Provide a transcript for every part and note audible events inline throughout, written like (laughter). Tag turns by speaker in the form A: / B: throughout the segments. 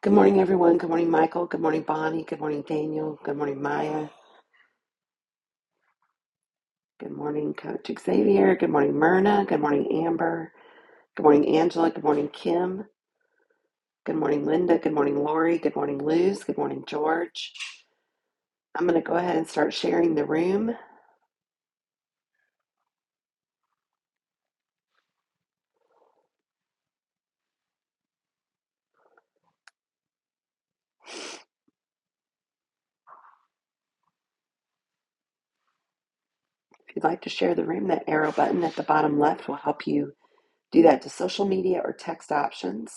A: Good morning, everyone. Good morning, Michael. Good morning, Bonnie. Good morning, Daniel. Good morning, Maya. Good morning, Coach Xavier. Good morning, Myrna. Good morning, Amber. Good morning, Angela. Good morning, Kim. Good morning, Linda. Good morning, Lori. Good morning, Luz. Good morning, George. I'm going to go ahead and start sharing the room. If you'd like to share the room, that arrow button at the bottom left will help you do that to social media or text options.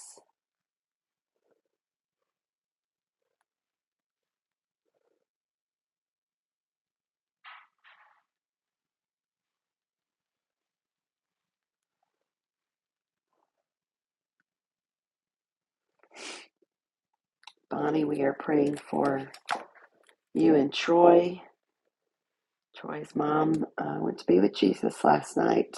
A: Bonnie, we are praying for you and Troy. Troy's mom uh, went to be with Jesus last night.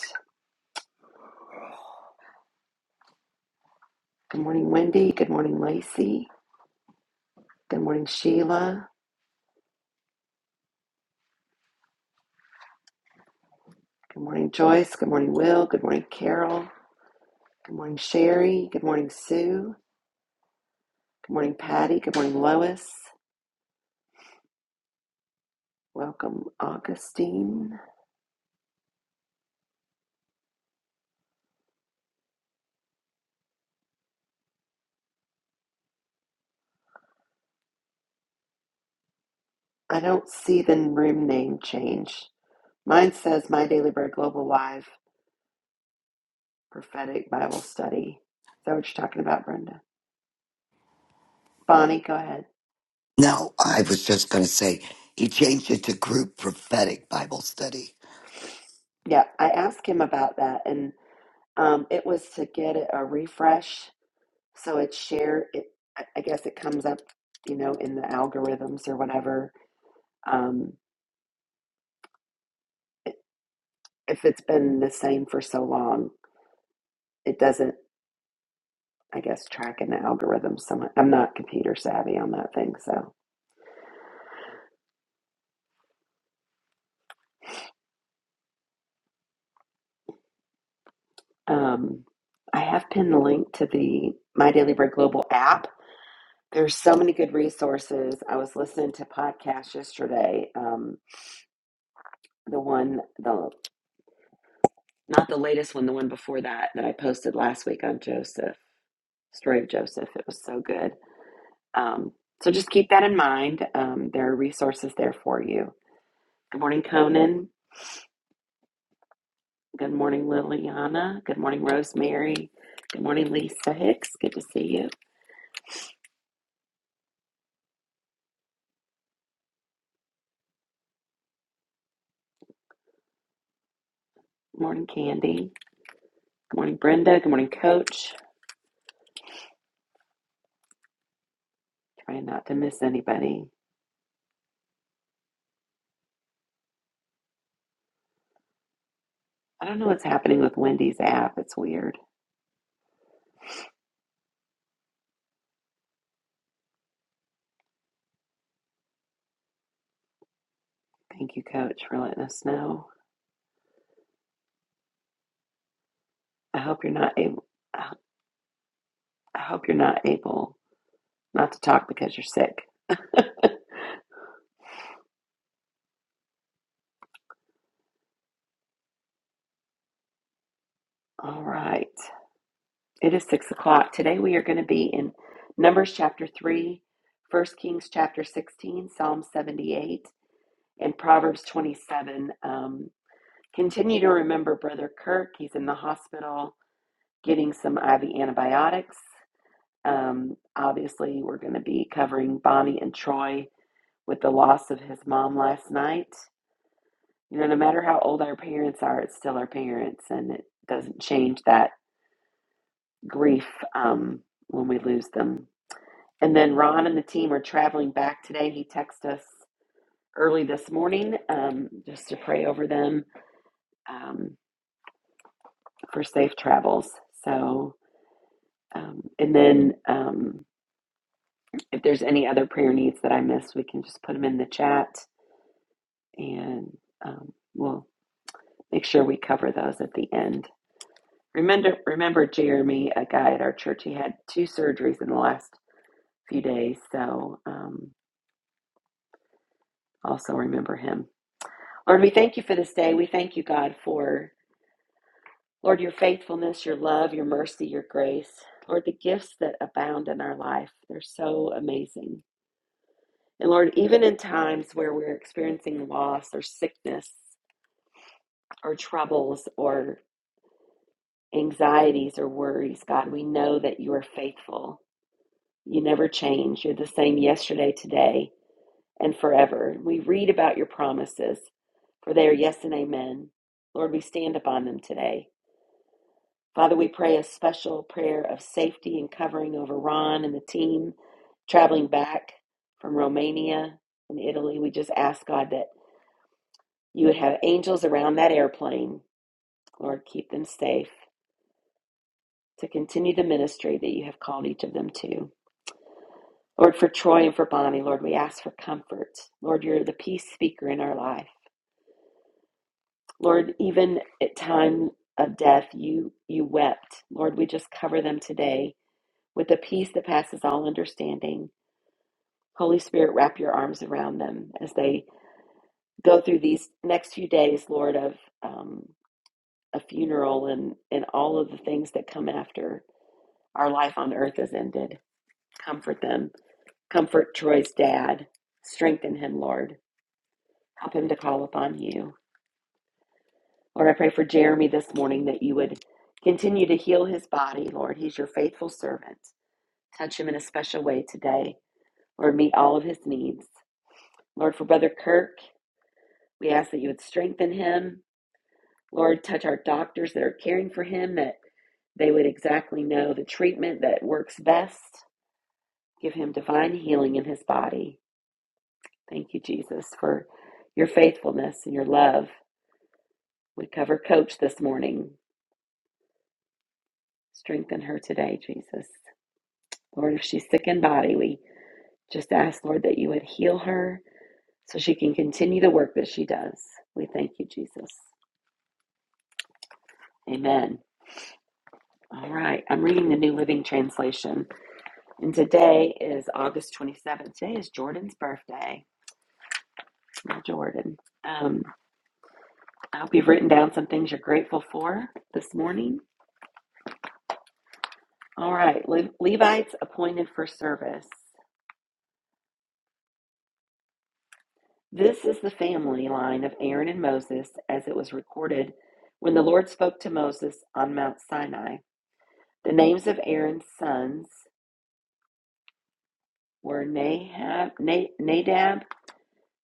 A: Good morning, Wendy. Good morning, Lacey. Good morning, Sheila. Good morning, Joyce. Good morning, Will. Good morning, Carol. Good morning, Sherry. Good morning, Sue. Good morning, Patty. Good morning, Lois. Welcome, Augustine. I don't see the room name change. Mine says My Daily Bread Global Live Prophetic Bible Study. Is that what you're talking about, Brenda? Bonnie, go ahead.
B: No, I was just going to say he changed it to group prophetic Bible study.
A: Yeah, I asked him about that, and um, it was to get a refresh So it's shared. It, I I guess it comes up, you know, in the algorithms or whatever. Um, i- if it's been the same for so long, it doesn't, I guess, track in the algorithms. So much. I'm not computer savvy on that thing. So um, I have pinned the link to the My Daily Bread Global app. There's so many good resources. I was listening to podcasts yesterday. Um, the one, the not the latest one, the one before that that I posted last week on Joseph, story of Joseph. It was so good. Um, so just keep that in mind. Um, there are resources there for you. Good morning, Conan. Good morning, Liliana. Good morning, Rosemary. Good morning, Lisa Hicks. Good to see you. Good morning, Candy. Good morning, Brenda. Good morning, Coach. Trying not to miss anybody. I don't know what's happening with Wendy's app. It's weird. Thank you, Coach, for letting us know. I hope you're not able. I I hope you're not able not to talk because you're sick. (laughs) All right. It is six o'clock. Today we are going to be in Numbers chapter 3, First Kings chapter 16, Psalm 78, and Proverbs 27. Um, continue to remember Brother Kirk. He's in the hospital getting some IV antibiotics. Um, obviously, we're going to be covering Bonnie and Troy with the loss of his mom last night. You know, no matter how old our parents are, it's still our parents, and it doesn't change that grief um, when we lose them. And then Ron and the team are traveling back today. He texted us early this morning um, just to pray over them um, for safe travels. So, um, and then um, if there's any other prayer needs that I missed, we can just put them in the chat and um, we'll make sure we cover those at the end. Remember, remember Jeremy, a guy at our church, he had two surgeries in the last few days. So, um, also remember him. Lord, we thank you for this day. We thank you, God, for. Lord, your faithfulness, your love, your mercy, your grace. Lord, the gifts that abound in our life, they're so amazing. And Lord, even in times where we're experiencing loss or sickness or troubles or anxieties or worries, God, we know that you are faithful. You never change. You're the same yesterday, today, and forever. We read about your promises, for they are yes and amen. Lord, we stand upon them today. Father, we pray a special prayer of safety and covering over Ron and the team traveling back from Romania and Italy. We just ask, God, that you would have angels around that airplane. Lord, keep them safe to continue the ministry that you have called each of them to. Lord, for Troy and for Bonnie, Lord, we ask for comfort. Lord, you're the peace speaker in our life. Lord, even at time of death, you you wept. Lord, we just cover them today with a peace that passes all understanding. Holy Spirit, wrap your arms around them as they go through these next few days, Lord, of um, a funeral and, and all of the things that come after our life on earth has ended. Comfort them. Comfort Troy's dad. Strengthen him, Lord. Help him to call upon you. Lord, I pray for Jeremy this morning that you would continue to heal his body, Lord. He's your faithful servant. Touch him in a special way today. Lord, meet all of his needs. Lord, for Brother Kirk, we ask that you would strengthen him Lord, touch our doctors that are caring for him, that they would exactly know the treatment that works best. Give him divine healing in his body. Thank you, Jesus, for your faithfulness and your love. We cover Coach this morning. Strengthen her today, Jesus. Lord, if she's sick in body, we just ask, Lord, that you would heal her so she can continue the work that she does. We thank you, Jesus. Amen. All right, I'm reading the New Living Translation. And today is August 27th. Today is Jordan's birthday. Well, Jordan, um, I hope you've written down some things you're grateful for this morning. All right, Le- Levites appointed for service. This is the family line of Aaron and Moses as it was recorded when the Lord spoke to Moses on Mount Sinai. The names of Aaron's sons were Nahab, Na- Nadab,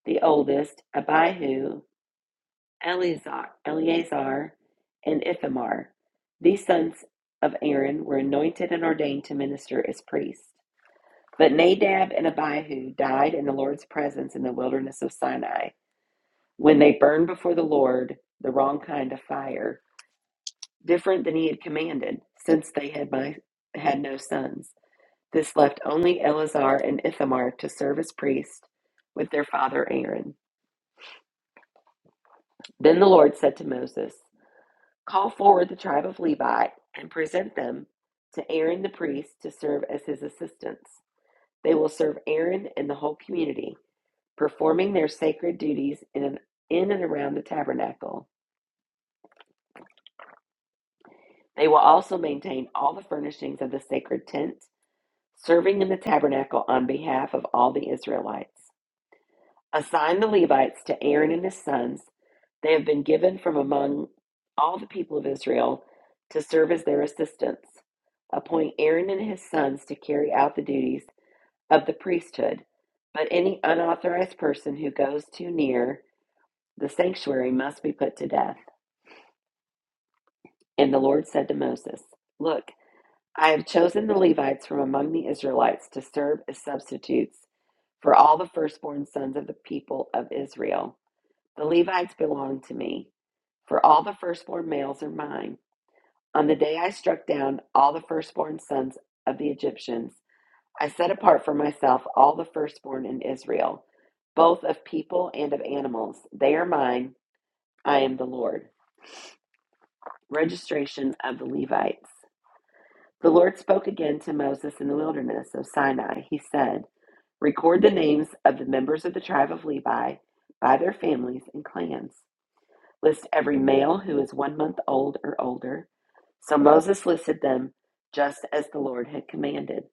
A: the oldest, Abihu, Eleazar, Eleazar and Ithamar. These sons of Aaron were anointed and ordained to minister as priests. But Nadab and Abihu died in the Lord's presence in the wilderness of Sinai when they burned before the Lord the wrong kind of fire, different than he had commanded, since they had, my, had no sons. This left only Eleazar and Ithamar to serve as priests with their father Aaron. Then the Lord said to Moses, Call forward the tribe of Levi and present them to Aaron the priest to serve as his assistants. They will serve Aaron and the whole community, performing their sacred duties in and, in and around the tabernacle. They will also maintain all the furnishings of the sacred tent, serving in the tabernacle on behalf of all the Israelites. Assign the Levites to Aaron and his sons. They have been given from among all the people of Israel to serve as their assistants. Appoint Aaron and his sons to carry out the duties of the priesthood, but any unauthorized person who goes too near the sanctuary must be put to death. And the Lord said to Moses, Look, I have chosen the Levites from among the Israelites to serve as substitutes for all the firstborn sons of the people of Israel. The Levites belong to me. For all the firstborn males are mine. On the day I struck down all the firstborn sons of the Egyptians, I set apart for myself all the firstborn in Israel, both of people and of animals. They are mine. I am the Lord. Registration of the Levites. The Lord spoke again to Moses in the wilderness of Sinai. He said, Record the names of the members of the tribe of Levi by their families and clans. List every male who is one month old or older. So Moses listed them just as the Lord had commanded.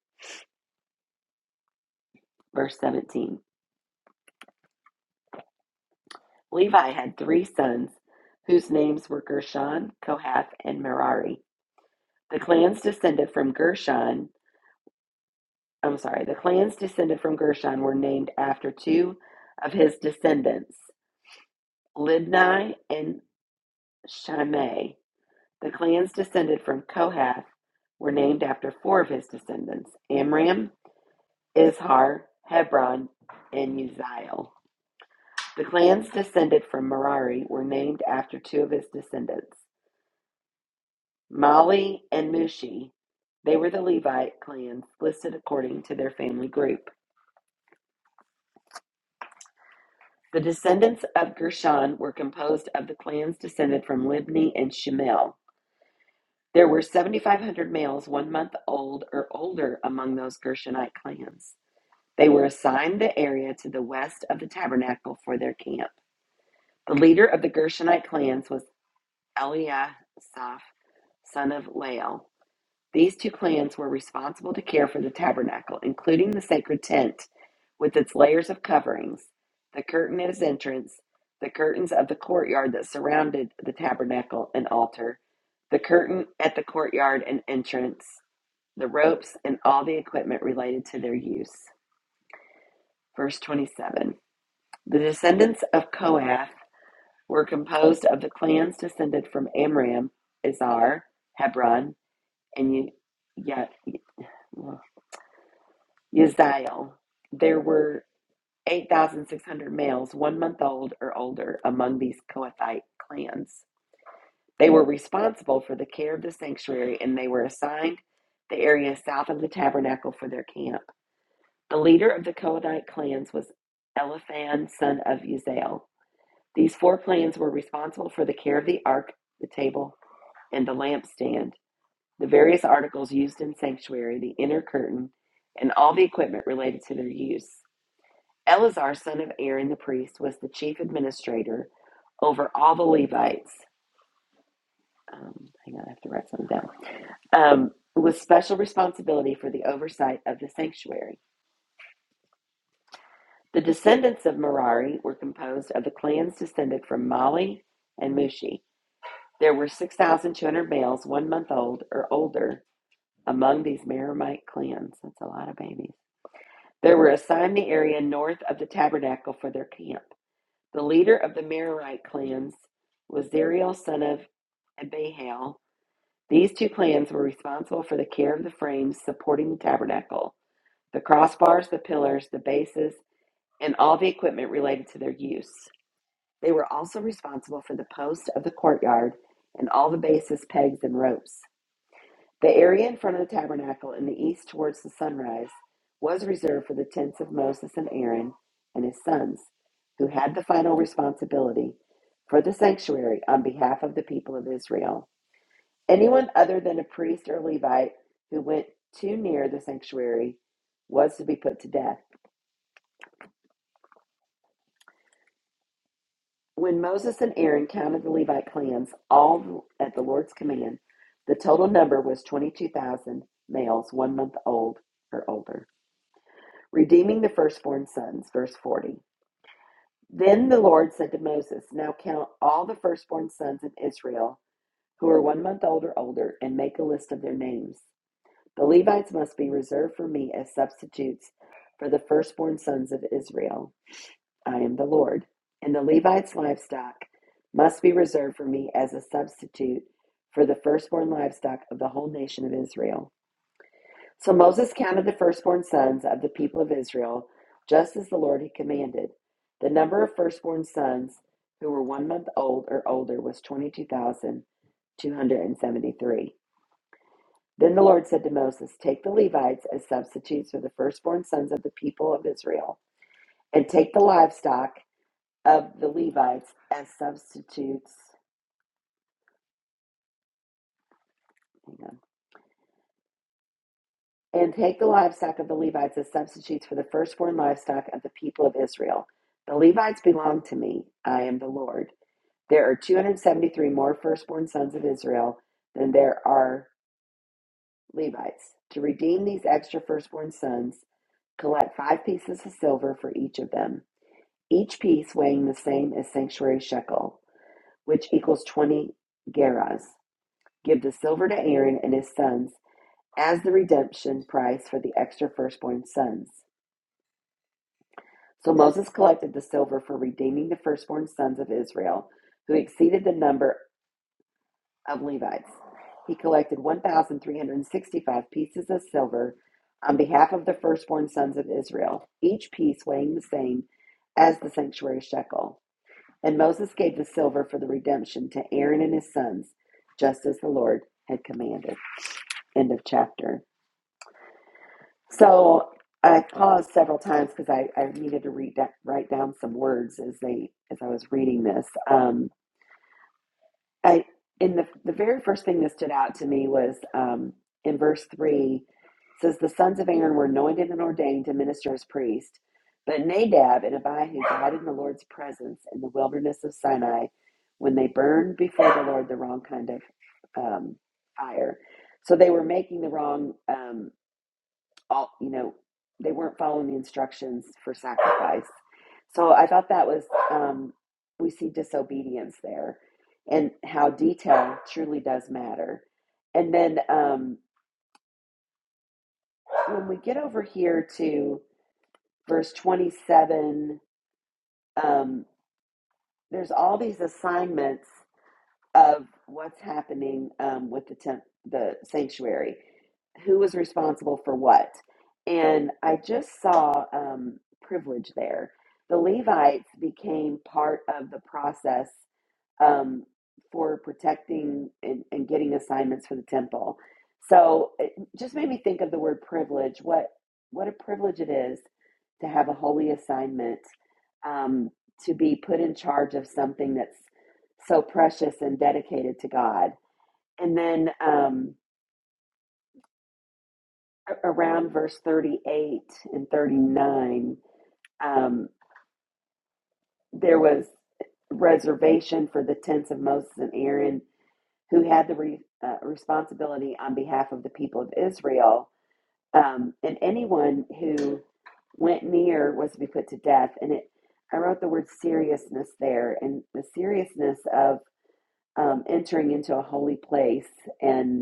A: Verse 17 Levi had three sons whose names were Gershon, Kohath, and Merari. The clans descended from Gershon, I'm sorry, the clans descended from Gershon were named after two of his descendants, Libni and Shimei. The clans descended from Kohath were named after four of his descendants, Amram, Izhar, Hebron, and Uzziel. The clans descended from Merari were named after two of his descendants, Mali and Mushi. They were the Levite clans listed according to their family group. The descendants of Gershon were composed of the clans descended from Libni and Shemel. There were 7,500 males one month old or older among those Gershonite clans. They were assigned the area to the west of the tabernacle for their camp. The leader of the Gershonite clans was Eliasaph, son of Lael. These two clans were responsible to care for the tabernacle, including the sacred tent with its layers of coverings, the curtain at its entrance, the curtains of the courtyard that surrounded the tabernacle and altar, the curtain at the courtyard and entrance, the ropes, and all the equipment related to their use. Verse 27. The descendants of Kohath were composed of the clans descended from Amram, Izhar, Hebron, and Ye- There were 8,600 males, one month old or older, among these Kohathite clans. They were responsible for the care of the sanctuary, and they were assigned the area south of the tabernacle for their camp. The leader of the Kohathite clans was Eliphan, son of Uziel. These four clans were responsible for the care of the ark, the table, and the lampstand, the various articles used in sanctuary, the inner curtain, and all the equipment related to their use. Eleazar, son of Aaron the priest, was the chief administrator over all the Levites. Um, hang on, I have to write something down. Um, with special responsibility for the oversight of the sanctuary. The descendants of Merari were composed of the clans descended from Mali and Mushi. There were 6,200 males one month old or older among these Meramite clans. That's a lot of babies. They were assigned the area north of the tabernacle for their camp. The leader of the Merarite clans was Zeriel, son of Abihail. These two clans were responsible for the care of the frames supporting the tabernacle, the crossbars, the pillars, the bases, and all the equipment related to their use. They were also responsible for the posts of the courtyard and all the bases, pegs, and ropes. The area in front of the tabernacle in the east towards the sunrise was reserved for the tents of Moses and Aaron and his sons, who had the final responsibility for the sanctuary on behalf of the people of Israel. Anyone other than a priest or Levite who went too near the sanctuary was to be put to death. When Moses and Aaron counted the Levite clans, all at the Lord's command, the total number was 22,000 males one month old or older. redeeming the firstborn sons. Verse 40. Then the Lord said to Moses, Now count all the firstborn sons in Israel who are one month old or older, and make a list of their names. The Levites must be reserved for me as substitutes for the firstborn sons of Israel. I am the Lord. And the Levites' livestock must be reserved for me as a substitute for the firstborn livestock of the whole nation of Israel. So Moses counted the firstborn sons of the people of Israel, just as the Lord had commanded. The number of firstborn sons who were one month old or older was 22,273. Then the Lord said to Moses, Take the Levites as substitutes for the firstborn sons of the people of Israel, and take the livestock of the Levites as substitutes. Hang on. And take the livestock of the Levites as substitutes for the firstborn livestock of the people of Israel. The Levites belong to me. I am the Lord. There are 273 more firstborn sons of Israel than there are Levites. To redeem these extra firstborn sons, collect five pieces of silver for each of them, each piece weighing the same as sanctuary shekel, which equals 20 gerahs. Give the silver to Aaron and his sons as the redemption price for the extra firstborn sons. So Moses collected the silver for redeeming the firstborn sons of Israel, who exceeded the number of Levites. He collected 1,365 pieces of silver on behalf of the firstborn sons of Israel, each piece weighing the same as the sanctuary shekel. And Moses gave the silver for the redemption to Aaron and his sons, just as the Lord had commanded. End of chapter. So I paused several times because I, I needed to read that, write down some words as they as I was reading this. Um, I in the the very first thing that stood out to me was um, in verse three it says the sons of Aaron were anointed and ordained to minister as priests, but Nadab and Abihu died in the Lord's presence in the wilderness of Sinai when they burned before the Lord the wrong kind of um, fire. So they were making the wrong. um, all you know they weren't following the instructions for sacrifice so i thought that was um, we see disobedience there and how detail truly does matter and then um, when we get over here to verse 27 um, there's all these assignments of what's happening um, with the temp- the sanctuary. Who was responsible for what? And I just saw um, privilege there. The Levites became part of the process um, for protecting and, and getting assignments for the temple. So it just made me think of the word privilege. What what a privilege it is to have a holy assignment, um, to be put in charge of something that's so precious and dedicated to God. And then um, around verse 38 and 39, um, there was reservation for the tents of Moses and Aaron, who had the re, uh, responsibility on behalf of the people of Israel. Um, and anyone who went near was to be put to death. And it, I wrote the word seriousness there, and the seriousness of um, entering into a holy place and.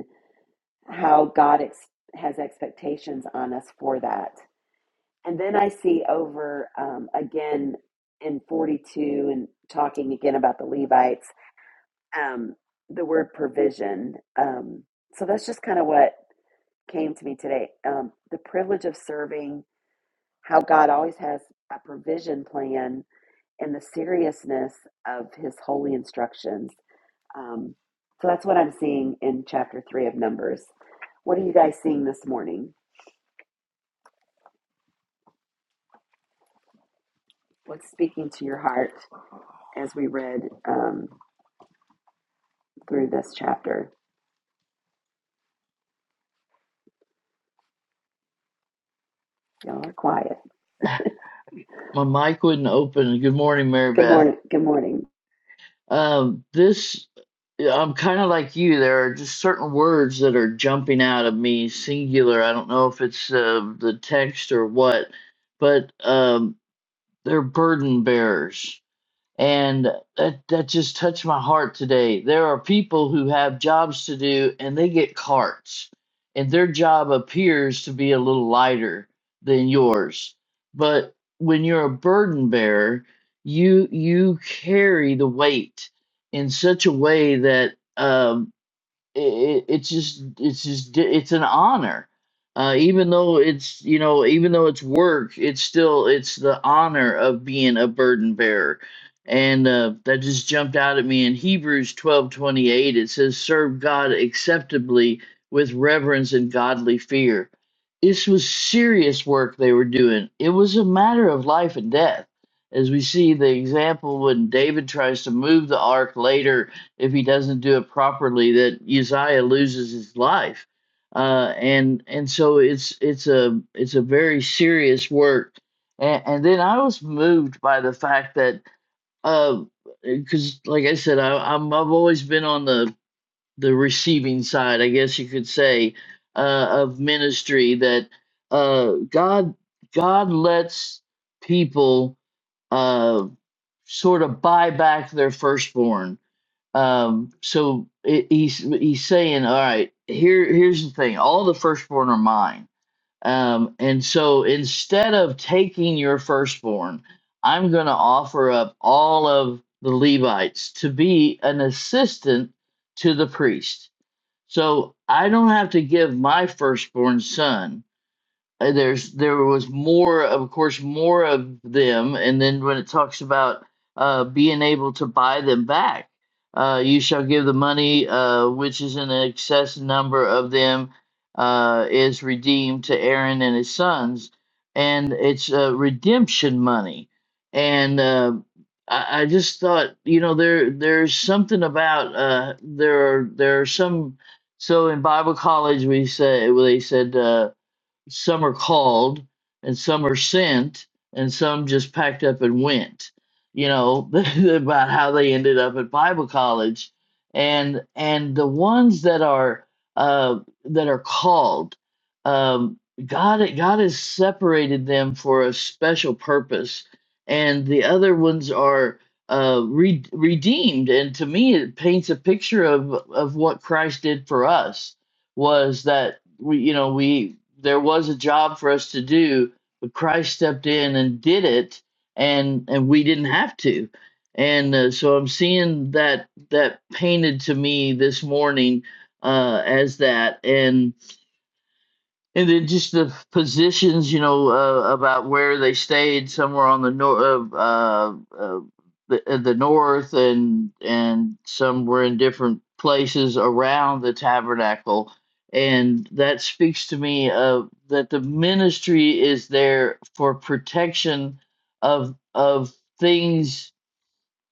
A: how God ex- has expectations on us for that. And then I see over um, again in 42 and talking again about the Levites, um, the word provision. Um, so that's just kind of what came to me today. Um, the privilege of serving, how God always has a provision plan, and the seriousness of his holy instructions. Um, so that's what I'm seeing in chapter three of Numbers. What are you guys seeing this morning? What's speaking to your heart as we read um, through this chapter? Y'all are quiet.
C: my mic wouldn't open. Good morning, Mary
A: Good
C: Beth.
A: morning. Good morning.
C: Um, this, I'm kind of like you. There are just certain words that are jumping out of me, singular. I don't know if it's uh, the text or what, but um, they're burden bearers. and that that just touched my heart today. There are people who have jobs to do and they get carts, and their job appears to be a little lighter than yours. But when you're a burden bearer, you you carry the weight in such a way that um it, it's just it's just di- it's an honor uh, even though it's you know even though it's work it's still it's the honor of being a burden bearer and uh, that just jumped out at me in hebrews twelve twenty eight. it says serve god acceptably with reverence and godly fear this was serious work they were doing it was a matter of life and death as we see the example when david tries to move the ark later if he doesn't do it properly that Uzziah loses his life. Uh, and and so it's it's a it's a very serious work. And, and then I was moved by the fact that because uh, like I said, I, I'm I've always been on the the receiving side, I guess you could say, uh, of ministry that uh, God God lets people uh, sort of buy back their firstborn um, so it, he's he's saying, all right, here here's the thing: all the firstborn are mine. Um, and so instead of taking your firstborn, I'm going to offer up all of the Levites to be an assistant to the priest. So I don't have to give my firstborn son uh, there's there was more of course more of them and then when it talks about uh being able to buy them back uh you shall give the money uh which is an excess number of them uh is redeemed to Aaron and his sons and it's uh, redemption money and uh I I just thought, you know, there there's something about uh, there are there are some. So in Bible college, we said well, they said uh, some are called and some are sent and some just packed up and went you know (laughs) about how they ended up at bible college and and the ones that are uh that are called um god god has separated them for a special purpose and the other ones are uh re- redeemed and to me it paints a picture of of what christ did for us was that we you know we there was a job for us to do but christ stepped in and did it and and we didn't have to and uh, so i'm seeing that that painted to me this morning uh as that and and then just the positions, you know, uh, about where they stayed, somewhere on the north, uh, uh, uh, the, uh, the north, and and some were in different places around the tabernacle, and that speaks to me of that the ministry is there for protection of of things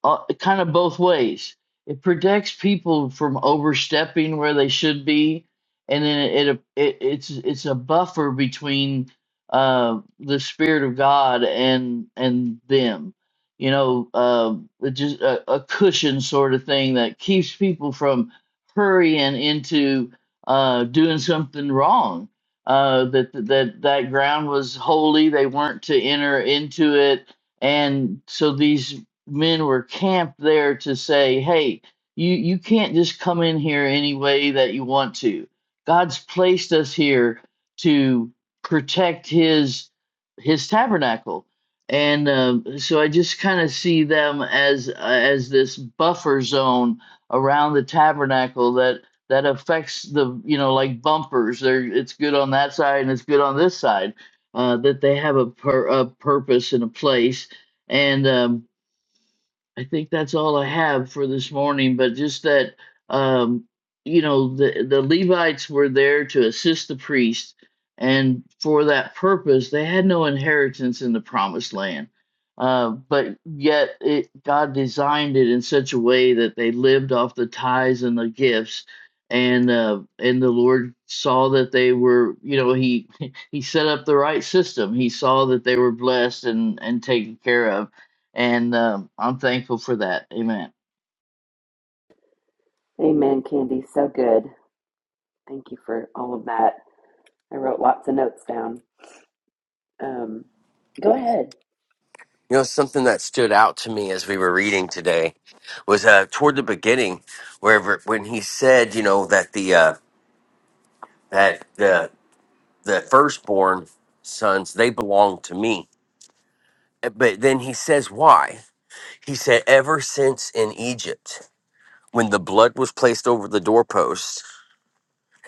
C: uh, kind of both ways. It protects people from overstepping where they should be, and then it, it, it it's it's a buffer between uh, the spirit of God and and them. You know, uh, it just a, a cushion sort of thing that keeps people from hurrying into uh, doing something wrong. Uh, that that that ground was holy; they weren't to enter into it and so these men were camped there to say, hey, you, you can't just come in here any way that you want to. God's placed us here to protect his his tabernacle. And um, so I just kind of see them as uh, as this buffer zone around the tabernacle that that affects the you know like bumpers. They're it's good on that side and it's good on this side. Uh, that they have a, pur- a purpose and a place, and um, I think that's all I have for this morning, but just that um you know the the Levites were there to assist the priest and for that purpose they had no inheritance in the promised land. Uh, but yet it God designed it in such a way that they lived off the tithes and the gifts and uh, and the Lord saw that they were you know he (laughs) he set up the right system. He saw that they were blessed and and taken care of and um, I'm thankful for that. Amen.
A: Amen, Candy. So good. Thank you for all of that. I wrote lots of notes down. Um, go ahead.
D: You know, something that stood out to me as we were reading today was uh, toward the beginning, wherever when he said, you know, that the uh, that the the firstborn sons they belong to me. Eh, But then he says why? He said, ever since in Egypt, when the blood was placed over the doorposts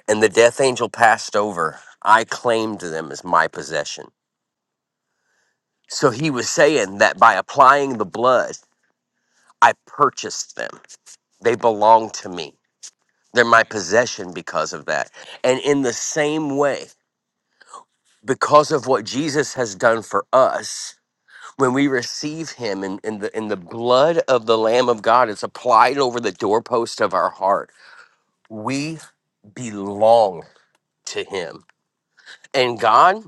D: and the death angel passed over, I claimed them as my possession. So he was saying that by applying the blood, I purchased them. They belong to me They're my possession because of that. And in the same way, because of what Jesus has done for us, when we receive him in in, the in the blood of the Lamb of God, it's applied over the doorpost of our heart. We belong to him. And God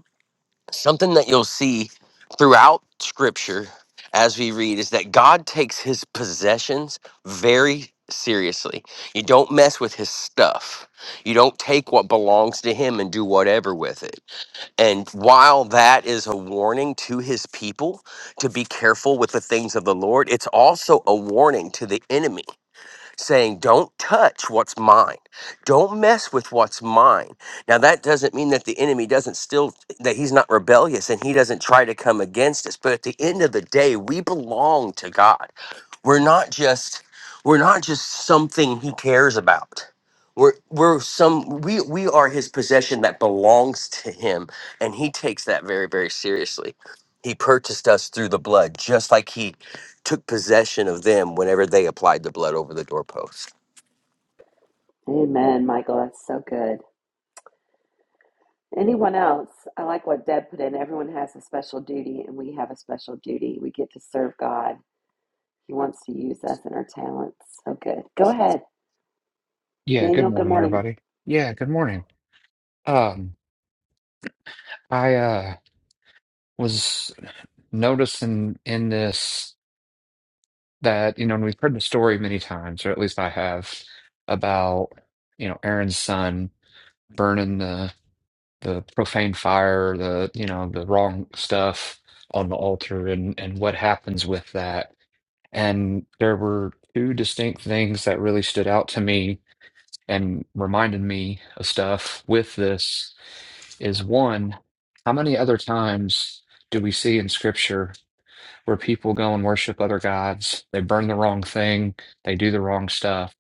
D: something that you'll see throughout scripture as we read is that God takes his possessions very seriously. You don't mess with his stuff. You don't take what belongs to him and do whatever with it. And while that is a warning to his people to be careful with the things of the Lord, it's also a warning to the enemy saying, Don't touch what's mine. Don't mess with what's mine. Now, that doesn't mean that the enemy doesn't still, that he's not rebellious and he doesn't try to come against us. But at the end of the day, we belong to God. We're not just we're not just something he cares about. We're we're some we we are his possession that belongs to him and he takes that very very seriously. He purchased us through the blood just like he took possession of them whenever they applied the blood over the doorpost
A: Amen, Michael. That's so good. Anyone else? I like what Deb put in. Everyone has a special duty, and we have a special duty. We get to serve God. He wants to use us and our talents. So good. Go ahead,
E: Yeah, good
A: Daniel. Good
E: morning,
A: morning.
E: everybody. Yeah, good morning. Um, I uh was noticing in this that, you know, and we've heard the story many times, or at least I have, about, you know, Aaron's son burning the the profane fire, the, you know, the wrong stuff on the altar and and what happens with that. And there were two distinct things that really stood out to me and reminded me of stuff with this is one, how many other times do we see in scripture where people go and worship other gods? They burn the wrong thing, they do the wrong stuff.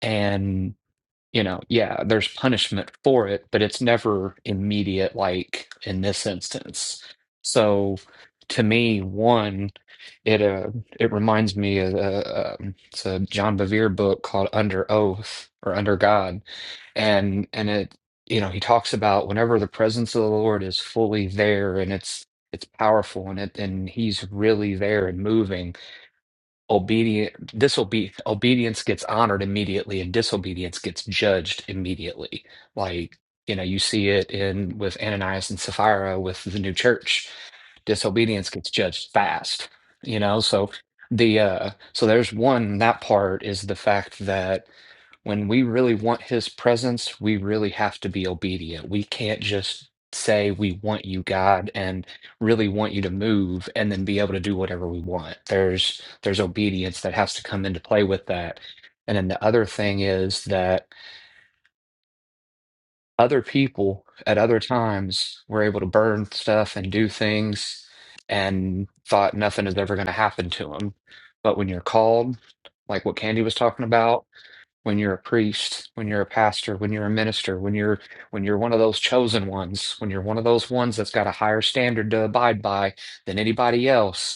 E: and you know, yeah, there's punishment for it, but it's never immediate, like in this instance. So, to me, one, it uh, it reminds me of uh, um, it's a John Bevere book called Under Oath or Under God, and and it you know he talks about whenever the presence of the Lord is fully there and it's it's powerful and it and he's really there and moving obedient disobe obedience gets honored immediately and disobedience gets judged immediately like you know you see it in with Ananias and Sapphira with the new church disobedience gets judged fast you know so the uh so there's one that part is the fact that when we really want his presence we really have to be obedient we can't just say we want you god and really want you to move and then be able to do whatever we want there's there's obedience that has to come into play with that and then the other thing is that other people at other times were able to burn stuff and do things and thought nothing is ever going to happen to them. But when you're called, like what Candy was talking about, when you're a priest, when you're a pastor, when you're a minister, when you're when you're one of those chosen ones, when you're one of those ones that's got a higher standard to abide by than anybody else,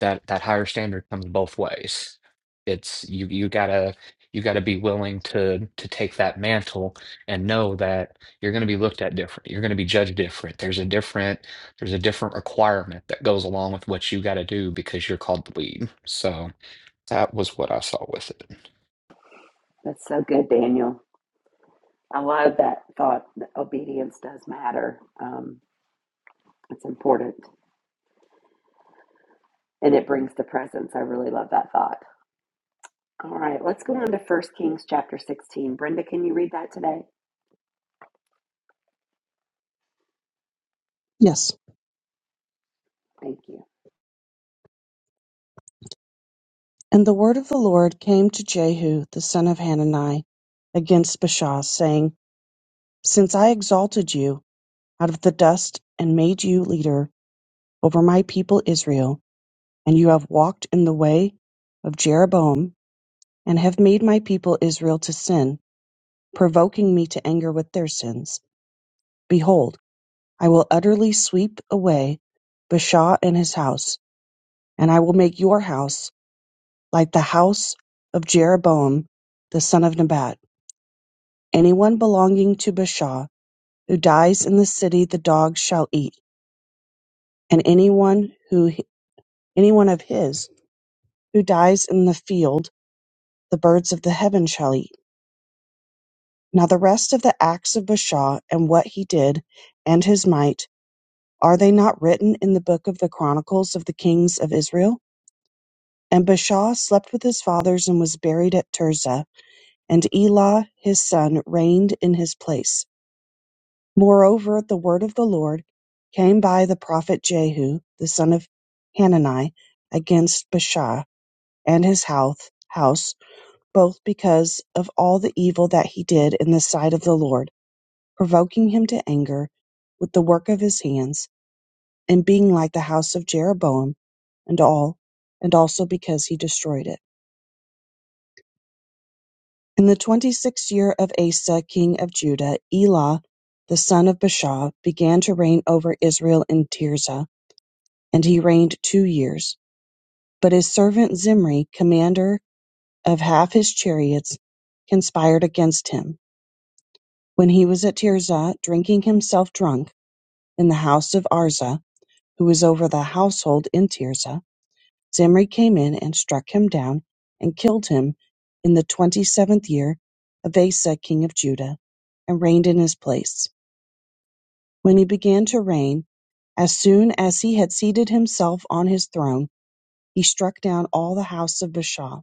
E: that that higher standard comes both ways. It's you you gotta you gotta be willing to to take that mantle and know that you're gonna be looked at different. You're gonna be judged different. There's a different there's a different requirement that goes along with what you gotta do because you're called to lead. So that was what I saw with it.
A: That's so good, Daniel. I love that thought. that obedience does matter. Um, it's important, and it brings the presence. I really love that thought. All right, let's go on to First Kings chapter sixteen. Brenda, can you read that today?
F: Yes.
A: Thank you.
F: And the word of the Lord came to Jehu the son of Hanani against Baasha, saying, Since I exalted you out of the dust and made you leader over my people Israel, and you have walked in the way of Jeroboam, and have made my people Israel to sin, provoking me to anger with their sins, behold, I will utterly sweep away Baasha and his house, and I will make your house like the house of Jeroboam the son of Nebat Anyone belonging to Bashaw who dies in the city the dogs shall eat, and anyone who anyone of his who dies in the field the birds of the heaven shall eat. Now the rest of the acts of Bashaw and what he did, and his might, are they not written in the book of the chronicles of the kings of Israel? And Bashaw slept with his fathers and was buried at Tirzah, and Elah his son reigned in his place. Moreover the word of the Lord came by the prophet Jehu the son of Hanani against Baasha and his house, house, both because of all the evil that he did in the sight of the Lord, provoking him to anger with the work of his hands, and being like the house of Jeroboam and all, and also because he destroyed it. In the twenty-sixth year of Asa king of Judah, Elah the son of Baasha began to reign over Israel in Tirzah. And he reigned two years. But his servant Zimri, commander of half his chariots, conspired against him. When he was at Tirzah, drinking himself drunk, in the house of Arza, who was over the household in Tirzah, Zimri came in and struck him down and killed him in the twenty seventh year of Asa king of Judah, and reigned in his place. When he began to reign, as soon as he had seated himself on his throne, he struck down all the house of Baasha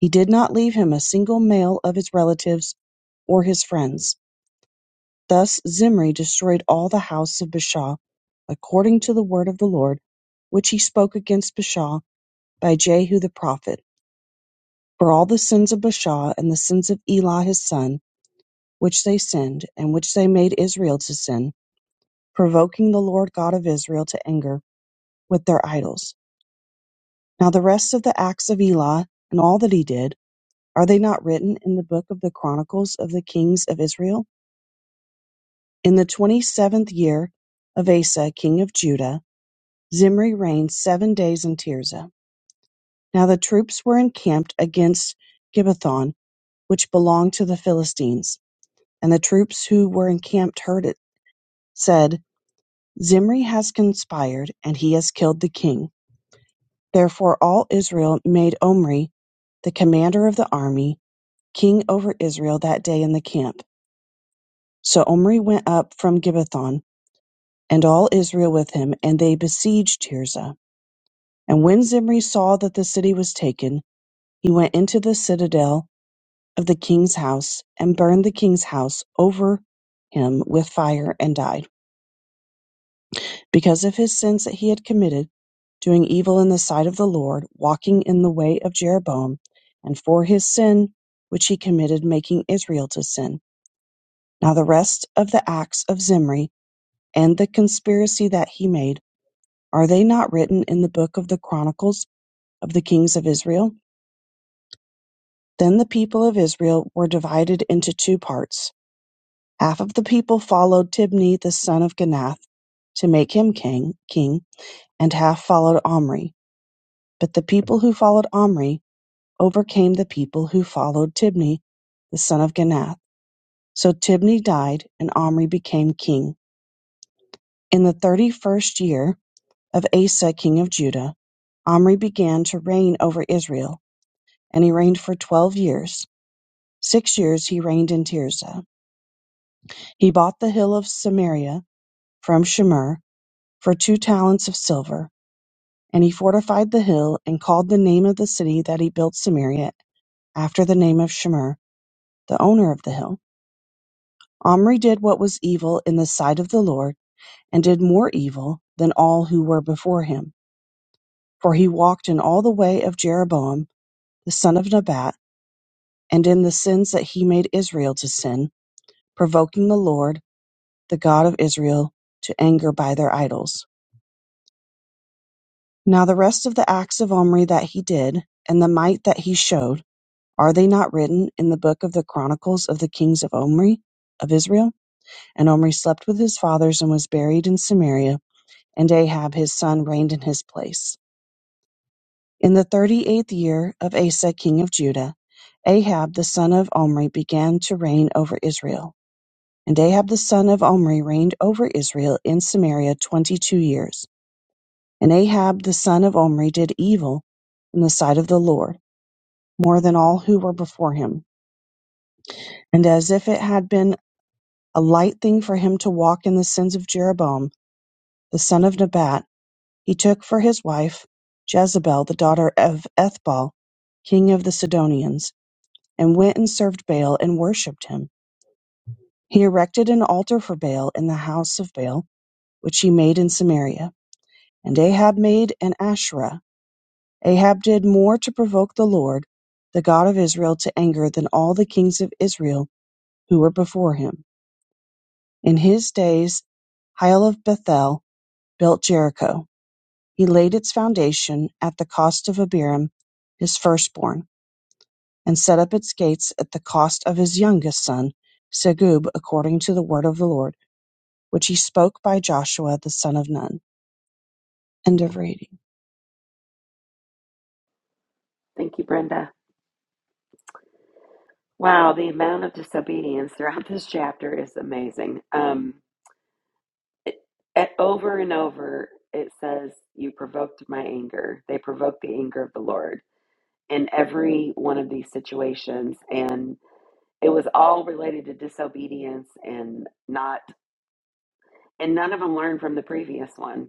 F: He did not leave him a single male of his relatives or his friends. Thus Zimri destroyed all the house of Baasha, according to the word of the Lord, which he spoke against Baasha by Jehu the prophet, for all the sins of Baasha and the sins of Elah his son, which they sinned, and which they made Israel to sin, provoking the Lord God of Israel to anger with their idols. Now the rest of the acts of Elah, and all that he did, are they not written in the book of the chronicles of the kings of Israel? In the twenty-seventh year of Asa king of Judah, Zimri reigned seven days in Tirzah. Now the troops were encamped against Gibbethon, which belonged to the Philistines. And the troops who were encamped heard it, said, Zimri has conspired, and he has killed the king. Therefore all Israel made Omri, the commander of the army, king over Israel that day in the camp. So Omri went up from Gibbethon, and all Israel with him, and they besieged Tirzah. And when Zimri saw that the city was taken, he went into the citadel of the king's house and burned the king's house over him with fire and died, because of his sins that he had committed, doing evil in the sight of the Lord, walking in the way of Jeroboam, and for his sin which he committed, making Israel to sin. Now the rest of the acts of Zimri and the conspiracy that he made, are they not written in the book of the chronicles of the kings of Israel? Then the people of Israel were divided into two parts. Half of the people followed Tibni the son of Ginath to make him king, king, and half followed Omri. But the people who followed Omri overcame the people who followed Tibni the son of Ginath. So Tibni died, and Omri became king. In the thirty-first year of Asa king of Judah, Omri began to reign over Israel, and he reigned for twelve years. Six years he reigned in Tirzah. He bought the hill of Samaria from Shemer for two talents of silver, and he fortified the hill, and called the name of the city that he built Samaria after the name of Shemer, the owner of the hill. Omri did what was evil in the sight of the Lord, and did more evil than all who were before him. For he walked in all the way of Jeroboam the son of Nebat, and in the sins that he made Israel to sin, provoking the Lord, the God of Israel, to anger by their idols. Now the rest of the acts of Omri that he did, and the might that he showed, are they not written in the book of the chronicles of the kings of Omri of Israel? And Omri slept with his fathers and was buried in Samaria, and Ahab his son reigned in his place. In the thirty eighth year of Asa king of Judah, Ahab the son of Omri began to reign over Israel. And Ahab the son of Omri reigned over Israel in Samaria twenty two years. And Ahab the son of Omri did evil in the sight of the Lord more than all who were before him. And as if it had been a light thing for him to walk in the sins of Jeroboam, the son of Nebat, he took for his wife Jezebel, the daughter of Ethbal, king of the Sidonians, and went and served Baal and worshipped him. He erected an altar for Baal in the house of Baal, which he made in Samaria. And Ahab made an Asherah. Ahab did more to provoke the Lord, the God of Israel, to anger than all the kings of Israel who were before him. In his days Hiel of Bethel built Jericho; he laid its foundation at the cost of Abiram his firstborn, and set up its gates at the cost of his youngest son Segub according to the word of the Lord, which he spoke by Joshua the son of Nun. End of reading.
A: Thank you, Brenda. Wow, the amount of disobedience throughout this chapter is amazing. Um, it, it- over and over, it says, "You provoked my anger." They provoked the anger of the Lord in every one of these situations, and It was all related to disobedience and not, and none of them learned from the previous one.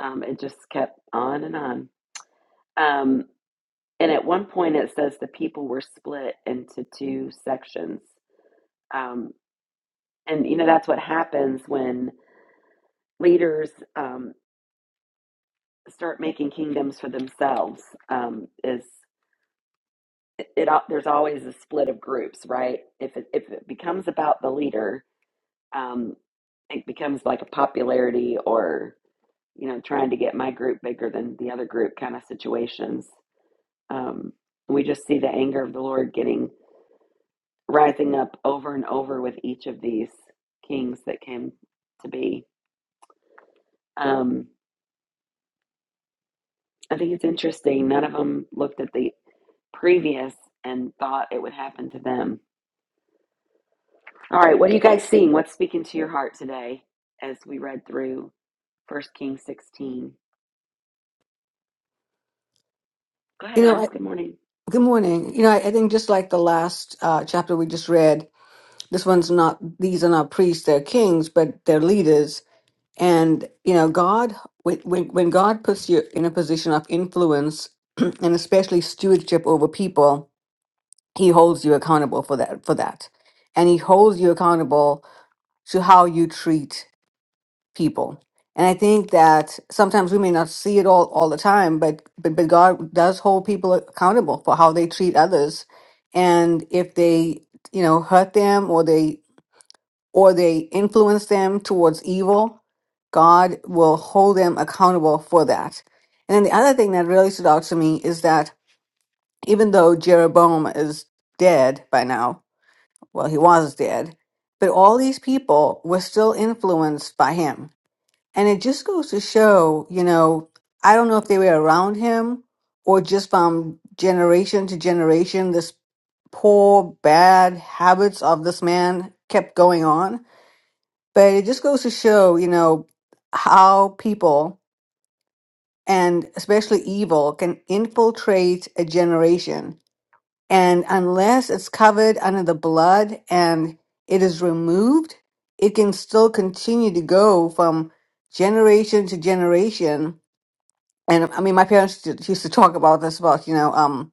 A: Um, it just kept on and on. Um, and at one point, it says the people were split into two sections. Um, and, you know, that's what happens when leaders um, start making kingdoms for themselves, um, is it, it there's always a split of groups, right? If it, if it becomes about the leader, um, it becomes like a popularity or you know, trying to get my group bigger than the other group kind of situations. Um, we just see the anger of the Lord getting rising up over and over with each of these kings that came to be. Um, I think it's interesting. None of them looked at the previous and thought it would happen to them. All right, what are you guys seeing? What's speaking to your heart today as we read through First Kings 16? Go ahead,
G: You know,
A: Ez.
G: I,
A: Good morning.
G: good morning. You know, I, I think just like the last uh, chapter we just read, this one's not, these are not priests, they're kings, but they're leaders. And, you know, God, when, when when God puts you in a position of influence (clears throat) and especially stewardship over people, he holds you accountable for that, for that. And he holds you accountable to how you treat people. And I think that sometimes we may not see it all all the time, but but, but God does hold people accountable for how they treat others, and if they you know hurt them or they or they influence them towards evil, God will hold them accountable for that. And then the other thing that really stood out to me is that even though Jeroboam is dead by now, well, he was dead, but all these people were still influenced by him and it just goes to show, you know, I don't know if they were around him or just from generation to generation, this poor, bad habits of this man kept going on. But it just goes to show, you know, how people and especially evil can infiltrate a generation. And unless it's covered under the blood and it is removed, it can still continue to go from generation to generation and I mean, my parents used to used to talk about this about you know um,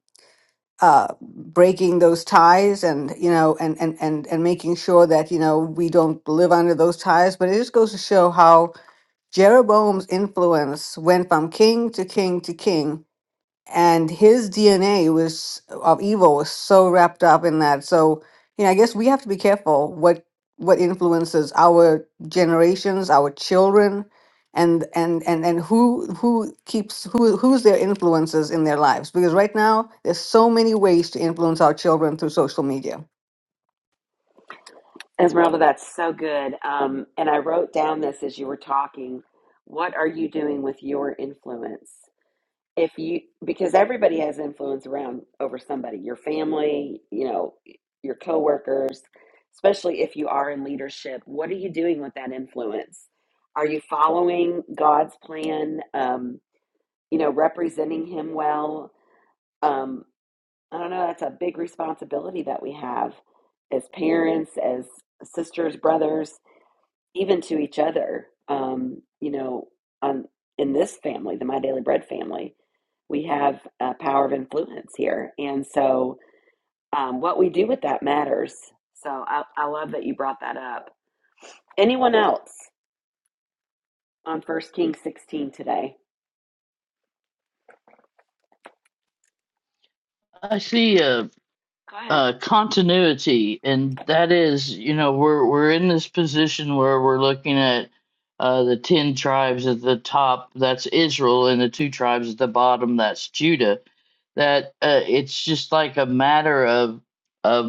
G: uh, breaking those ties and you know and, and and and making sure that you know we don't live under those ties. But it just goes to show how Jeroboam's influence went from king to king to king, and his DNA was of evil was so wrapped up in that. So you know, I guess we have to be careful what what influences our generations, our children, and and and and who who keeps who who's their influences in their lives. Because right now, there's so many ways to influence our children through social media.
A: Esmeralda, that's so good. Um, and I wrote down this as you were talking. What are you doing with your influence? If you, because everybody has influence around over somebody, your family, you know, your coworkers, especially if you are in leadership. What are you doing with that influence? Are you following God's plan? Um, you know, representing Him well. Um, I don't know. That's a big responsibility that we have as parents, as sisters, brothers even to each other. Um, you know, on in this family, the My Daily Bread family, we have a power of influence here, and so um, what we do with that matters. So I, I love that you brought that up. Anyone else on First Kings sixteen today?
C: I see a,
A: Go ahead.
C: a continuity, and that is, you know, we're we're in this position where we're looking at uh, the ten tribes at the top. That's Israel, and the two tribes at the bottom. That's Judah. That uh, it's just like a matter of of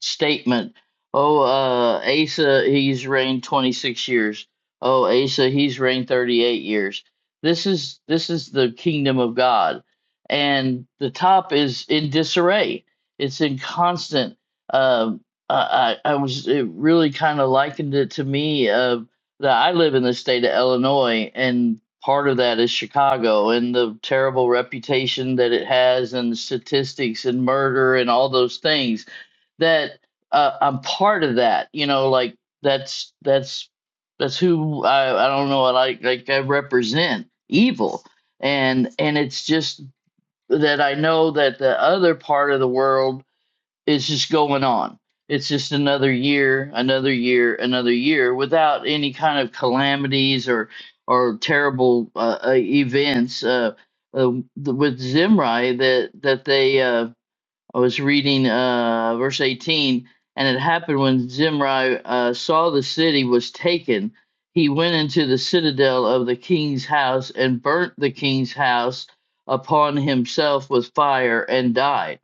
C: statement. Oh, uh, Asa, he's reigned 26 years. Oh, Asa, he's reigned 38 years. This is this is the kingdom of God, and the top is in disarray. It's in constant. um I, I was it really kind of likened it to me of that I live in the state of Illinois, and part of that is Chicago and the terrible reputation that it has, and the statistics and murder and all those things that uh, I'm part of that. You know, like that's that's that's who I I don't know. Like like I represent evil, and and it's just that I know that the other part of the world is just going on. It's just another year, another year, another year without any kind of calamities or or terrible uh, uh, events. Uh, uh, th- with Zimri, that that they uh, I was reading uh, verse 18, and it happened when Zimri uh, saw the city was taken, he went into the citadel of the king's house and burnt the king's house upon himself with fire and died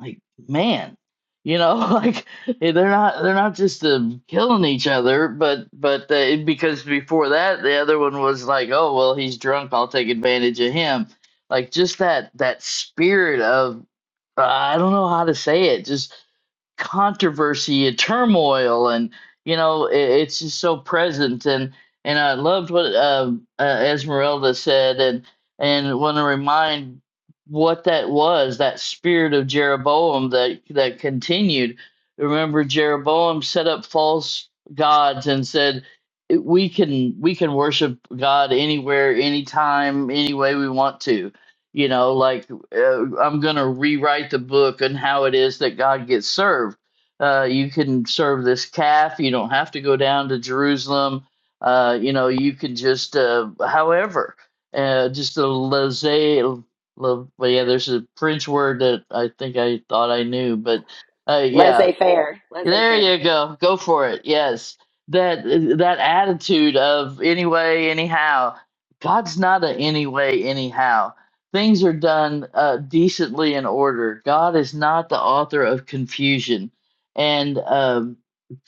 C: like man you know (laughs) like eh, they're not they're not just um, killing each other but but they, because before that the other one was like oh well he's drunk i'll take advantage of him like just that that spirit of uh, i don't know how to say it just controversy and turmoil and you know it, it's just so present and and i loved what um uh, esmeralda said and and want to remind what that was that spirit of jeroboam that that continued remember jeroboam set up false gods and said "It- we can we can worship god anywhere anytime any way we want to you know like uh, I'm going to rewrite the book on how it is that God gets served. Uh, you can serve this calf. You don't have to go down to Jerusalem. Uh, you know, you can just, uh, however, uh, just a laissez. la- Well, yeah, there's a French word that I think I thought I knew, but uh, yeah,
A: Laissez faire, laissez
C: there
A: faire.
C: you go. Go for it. Yes. That that attitude of anyway, anyhow. God's not a anyway, anyhow. Things are done uh, decently in order. God is not the author of confusion. And um,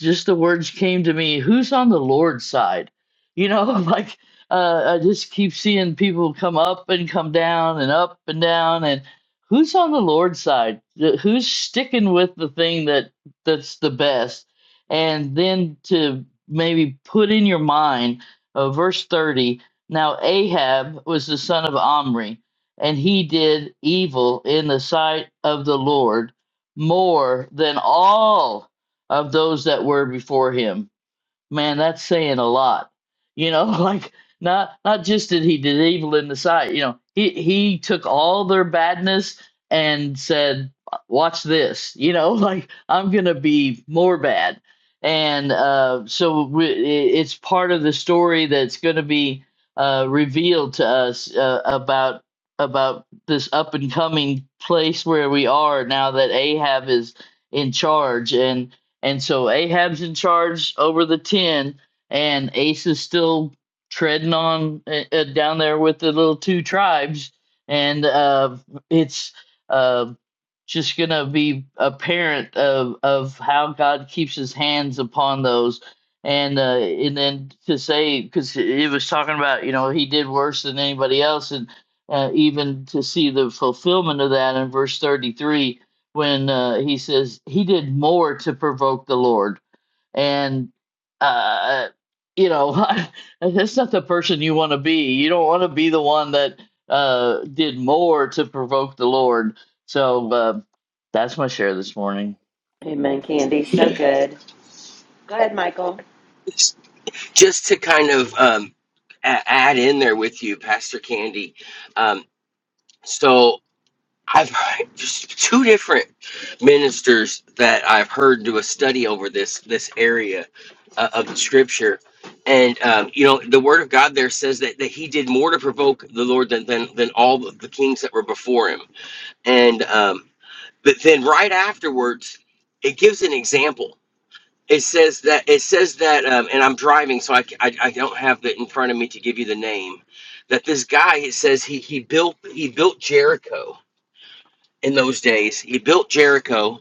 C: just the words came to me, who's on the Lord's side? You know, (laughs) like uh, I just keep seeing people come up and come down and up and down and who's on the Lord's side? Who's sticking with the thing that that's the best. And then to maybe put in your mind, uh, verse 30 now Ahab was the son of Omri, and he did evil in the sight of the Lord more than all of those that were before him Man, that's saying a lot. You know, (laughs) like not not just that he did evil in the sight, you know, he he took all their badness and said, "Watch this." You know, (laughs) like I'm going to be more bad. And uh so we, i- it's part of the story that's going to be uh revealed to us uh, about about this up and coming place where we are now that Ahab is in charge and so Ahab's in charge over the 10, and Ace is still treading on uh, uh, down there with the little two tribes. And uh, it's uh, just going to be apparent of, of how God keeps his hands upon those. And uh, and then to say, because it was talking about, you know, he did worse than anybody else. And uh, even to see the fulfillment of that in verse 33 when uh, he says he did more to provoke the Lord, and uh, you know (laughs) that's not the person you want to be. You don't want to be the one that uh, did more to provoke the Lord. So uh, that's my share this morning.
A: Amen, Candy. So good. Go ahead, Michael.
D: just to kind of um, a- add in there with you, Pastor Candy. Um, so I've heard (laughs) just two different ministers that I've heard do a study over this this area uh, of the scripture, and um, you know the word of God there says that, that he did more to provoke the Lord than than, than all the the kings that were before him, and um, but then right afterwards it gives an example. It says that it says that, um, and I'm driving, so I, ca- I I don't have that in front of me to give you the name. That this guy it says he he built he built Jericho in those days. He built Jericho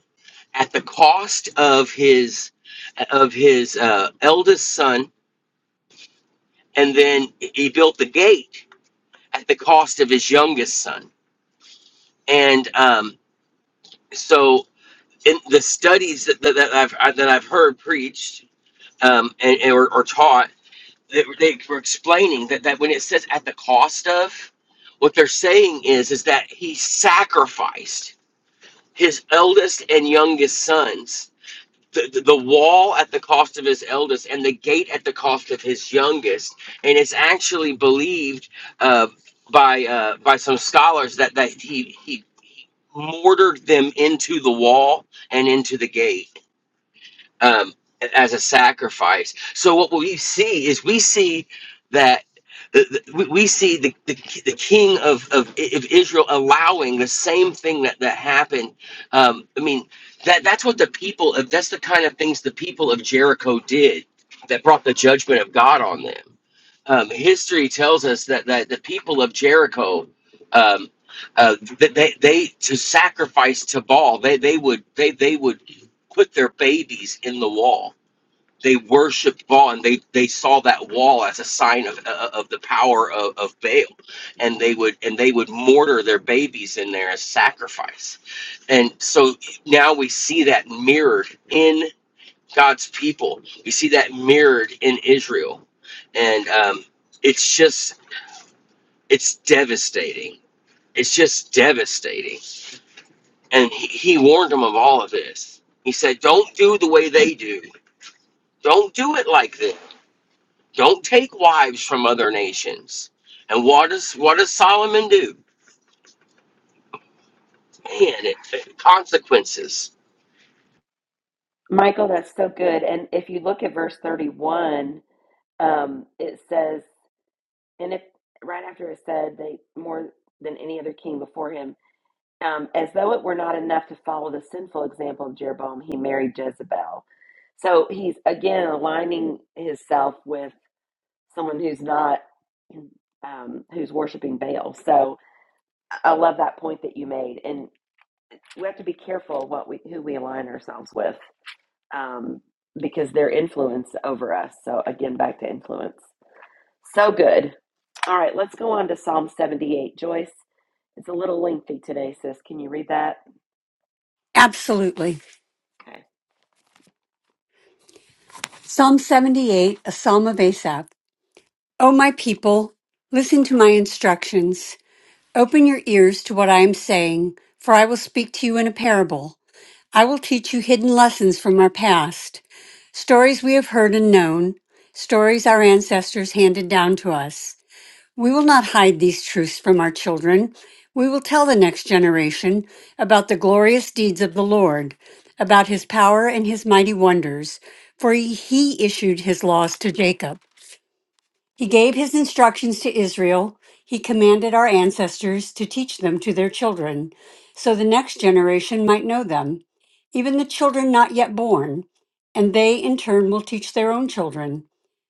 D: at the cost of his of his uh, eldest son, and then he built the gate at the cost of his youngest son. And um, so, in the studies that, that, that I've that I've heard preached um, and, and or, or taught, they, they were explaining that that when it says at the cost of, what they're saying is is that he sacrificed his eldest and youngest sons the, the wall at the cost of his eldest and the gate at the cost of his youngest and it's actually believed uh, by uh, by some scholars that that he he mortared them into the wall and into the gate um, as a sacrifice. So what we see is we see that the, the- we we see the, the, the king of, of, I- of Israel allowing the same thing that, that happened. Um, I mean, that that's what the people of that's the kind of things the people of Jericho did that brought the judgment of God on them. Um, history tells us that, that the people of Jericho um, uh, that they, they to sacrifice to Baal they they would they they would put their babies in the wall. They worshipped Baal, and they, they saw that wall as a sign of uh, of the power of, of Baal, and they would and they would mortar their babies in there as sacrifice, and so now we see that mirrored in God's people. We see that mirrored in Israel, and um, it's just it's devastating. It's just devastating, and he, he warned them of all of this. He said, "Don't do the way they do." Don't do it like this. Don't take wives from other nations. And what does what does Solomon do? Man, it, it- consequences.
A: Michael, that's so good. And if you look at verse 31, um, it says and if right after it said they more than any other king before him um, as though it were not enough to follow the sinful example of jeroboam he married jezebel so he's again aligning himself with someone who's not um, who's worshiping baal so i love that point that you made and we have to be careful what we who we align ourselves with um, because they're influence over us so again back to influence so good all right, let's go on to Psalm 78. Joyce. It's a little lengthy today, sis. Can you read that?
H: Absolutely.
A: Okay.
H: Psalm 78, a psalm of Asaph. O my people, listen to my instructions. Open your ears to what I am saying, for I will speak to you in a parable. I will teach you hidden lessons from our past, stories we have heard and known, stories our ancestors handed down to us. We will not hide these truths from our children. We will tell the next generation about the glorious deeds of the Lord, about his power and his mighty wonders, for he issued his laws to Jacob. He gave his instructions to Israel. He commanded our ancestors to teach them to their children, so the next generation might know them, even the children not yet born, and they in turn will teach their own children.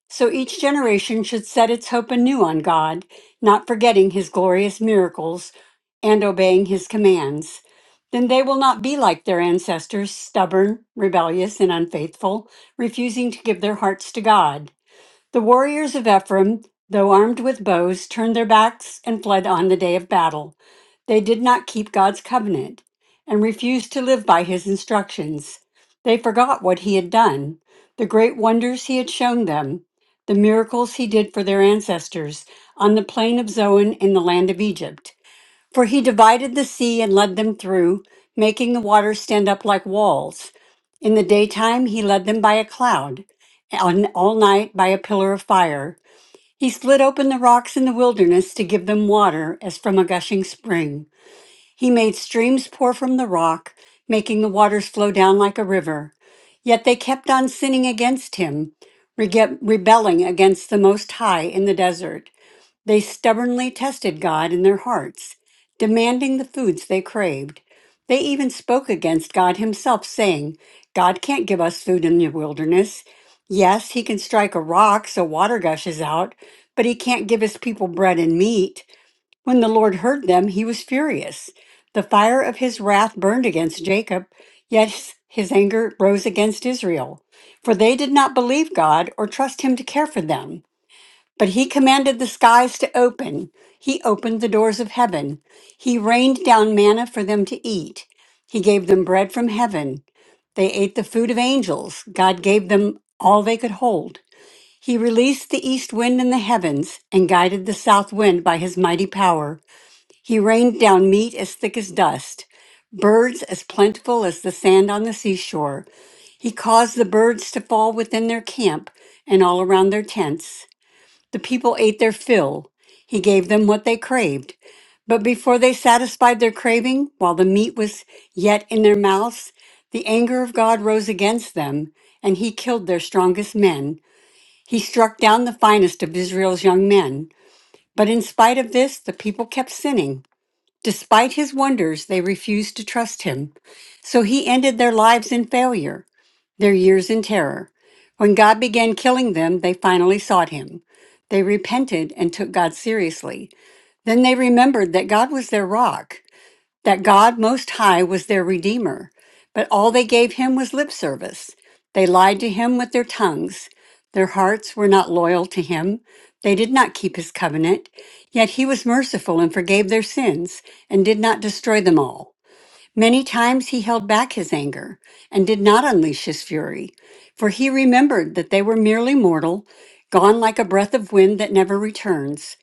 H: So each generation should set its hope anew on God, not forgetting his glorious miracles and obeying his commands. Then they will not be like their ancestors, stubborn, rebellious, and unfaithful, refusing to give their hearts to God. The warriors of Ephraim, though armed with bows, turned their backs and fled on the day of battle. They did not keep God's covenant and refused to live by his instructions. They forgot what he had done, the great wonders he had shown them, the miracles he did for their ancestors on the plain of Zoan in the land of Egypt. For he divided the sea and led them through, making the waters stand up like walls. In the daytime he led them by a cloud, and all night by a pillar of fire. He split open the rocks in the wilderness to give them water as from a gushing spring. He made streams pour from the rock, making the waters flow down like a river. Yet they kept on sinning against him, rege- rebelling against the Most High in the desert. They stubbornly tested God in their hearts, demanding the foods they craved. They even spoke against God Himself, saying, God can't give us food in the wilderness. Yes, He can strike a rock so water gushes out, but He can't give His people bread and meat. When the Lord heard them, He was furious. The fire of His wrath burned against Jacob, yet His anger rose against Israel. For they did not believe God or trust Him to care for them. But he commanded the skies to open. He opened the doors of heaven. He rained down manna for them to eat. He gave them bread from heaven. They ate the food of angels. God gave them all they could hold. He released the east wind in the heavens and guided the south wind by his mighty power. He rained down meat as thick as dust, birds as plentiful as the sand on the seashore. He caused the birds to fall within their camp and all around their tents. The people ate their fill. He gave them what they craved. But before they satisfied their craving, while the meat was yet in their mouths, the anger of God rose against them, and he killed their strongest men. He struck down the finest of Israel's young men. But in spite of this, the people kept sinning. Despite his wonders, they refused to trust him. So he ended their lives in failure, their years in terror. When God began killing them, they finally sought him. They repented and took God seriously. Then they remembered that God was their rock, that God Most High was their Redeemer. But all they gave him was lip service. They lied to him with their tongues. Their hearts were not loyal to him. They did not keep his covenant. Yet he was merciful and forgave their sins and did not destroy them all. Many times he held back his anger and did not unleash his fury, for he remembered that they were merely mortal, gone like a breath of wind that never returns.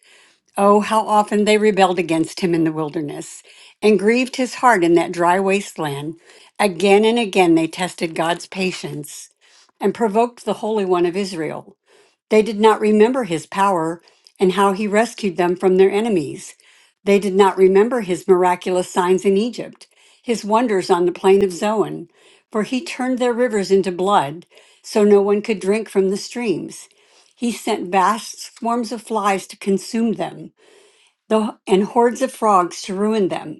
H: Oh, how often they rebelled against him in the wilderness and grieved his heart in that dry wasteland. Again and again they tested God's patience and provoked the Holy One of Israel. They did not remember his power and how he rescued them from their enemies. They did not remember his miraculous signs in Egypt, his wonders on the plain of Zoan, for he turned their rivers into blood so no one could drink from the streams. He sent vast swarms of flies to consume them, the- and hordes of frogs to ruin them.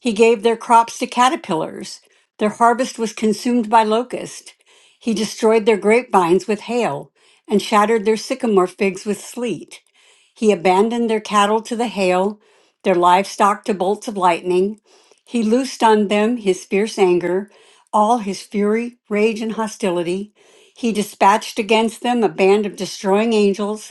H: He gave their crops to caterpillars. Their harvest was consumed by locusts. He destroyed their grapevines with hail and shattered their sycamore figs with sleet. He abandoned their cattle to the hail, their livestock to bolts of lightning. He loosed on them his fierce anger, all his fury, rage, and hostility. He dispatched against them a band of destroying angels.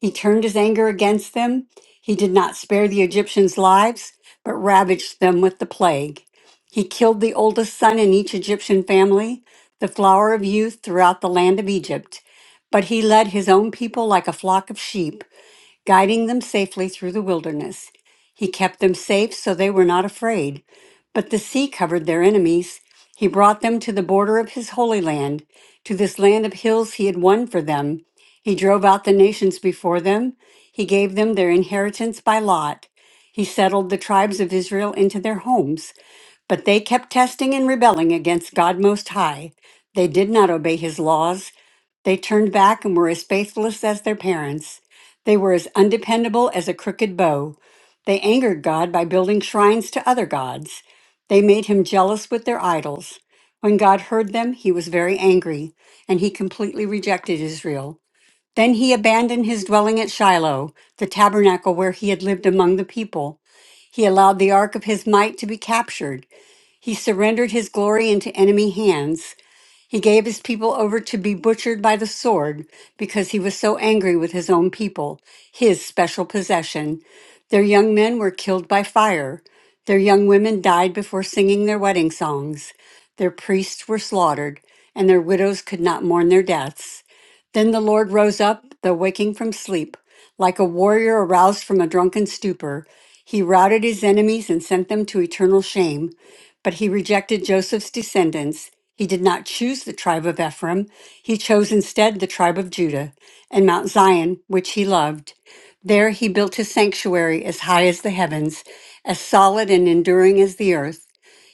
H: He turned his anger against them. He did not spare the Egyptians' lives, but ravaged them with the plague. He killed the oldest son in each Egyptian family, the flower of youth throughout the land of Egypt. But he led his own people like a flock of sheep guiding them safely through the wilderness. He kept them safe so they were not afraid. But the sea covered their enemies. He brought them to the border of his holy land, to this land of hills he had won for them. He drove out the nations before them. He gave them their inheritance by lot. He settled the tribes of Israel into their homes. But they kept testing and rebelling against God Most High. They did not obey his laws. They turned back and were as faithless as their parents. They were as undependable as a crooked bow. They angered God by building shrines to other gods. They made him jealous with their idols. When God heard them, he was very angry, and he completely rejected Israel. Then he abandoned his dwelling at Shiloh, the tabernacle where he had lived among the people. He allowed the ark of his might to be captured. He surrendered his glory into enemy hands. He gave his people over to be butchered by the sword because he was so angry with his own people, his special possession. Their young men were killed by fire. Their young women died before singing their wedding songs. Their priests were slaughtered, and their widows could not mourn their deaths. Then the Lord rose up, though waking from sleep, like a warrior aroused from a drunken stupor. He routed his enemies and sent them to eternal shame. But he rejected Joseph's descendants. He did not choose the tribe of Ephraim. He chose instead the tribe of Judah and Mount Zion, which he loved. There he built his sanctuary as high as the heavens, as solid and enduring as the earth.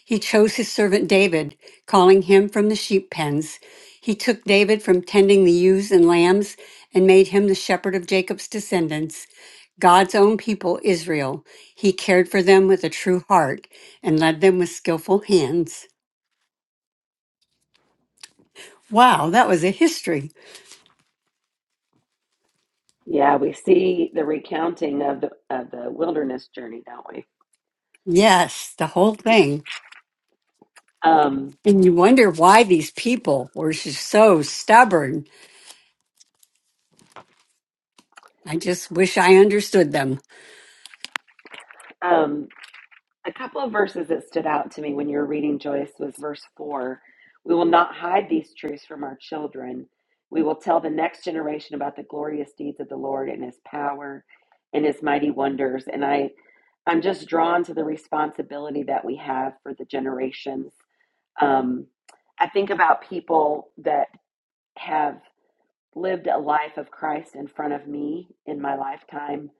H: He chose his servant David, calling him from the sheep pens. He took David from tending the ewes and lambs and made him the shepherd of Jacob's descendants, God's own people, Israel. He cared for them with a true heart and led them with skillful hands. Wow, that was a history.
A: Yeah, we see the recounting of the of the wilderness journey, don't we?
H: Yes, the whole thing.
A: Um,
H: And you wonder why these people were just so stubborn. I just wish I understood them.
A: um, a couple of verses that stood out to me when you were reading Joyce was verse four. We will not hide these truths from our children. We will tell the next generation about the glorious deeds of the Lord and His power and His mighty wonders. And I, I'm just drawn to the responsibility that we have for the generations. Um, I think about people that have lived a life of Christ in front of me in my lifetime,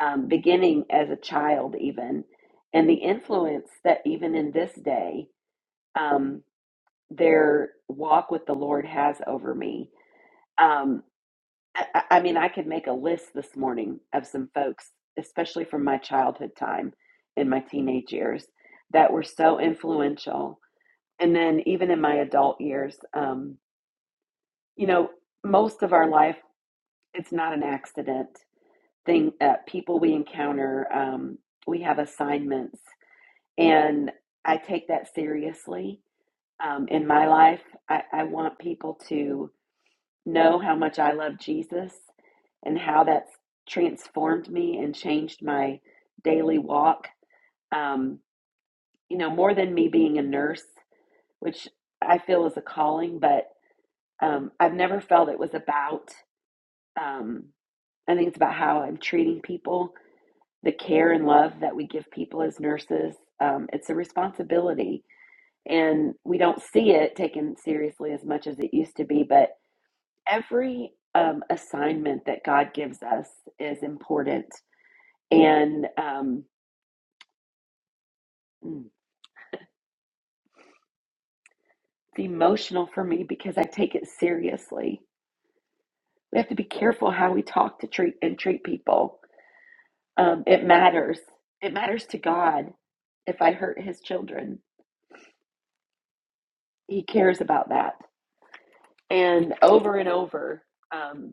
A: um, beginning as a child, even, and the influence that even in this day, um, their walk with the Lord has over me. Um, I, I I mean, I could make a list this morning of some folks, especially from my childhood time in my teenage years, that were so influential. And then even in my adult years, um, you know, most of our life it's not an accident. thing uh, people we encounter um, we have assignments and i take that seriously um, in my life I, I want people to know how much i love jesus and how that's transformed me and changed my daily walk um, you know more than me being a nurse which i feel is a calling but um, i've never felt it was about um, i think it's about how i'm treating people the care and love that we give people as nurses. Um, it's a responsibility, and we don't see it taken seriously as much as it used to be. But every um, assignment that God gives us is important, and um, mm, it's emotional for me because I take it seriously. We have to be careful how we talk to treat and treat people. Um, it matters. It matters to God if I hurt His children. He cares about that And over and over, um,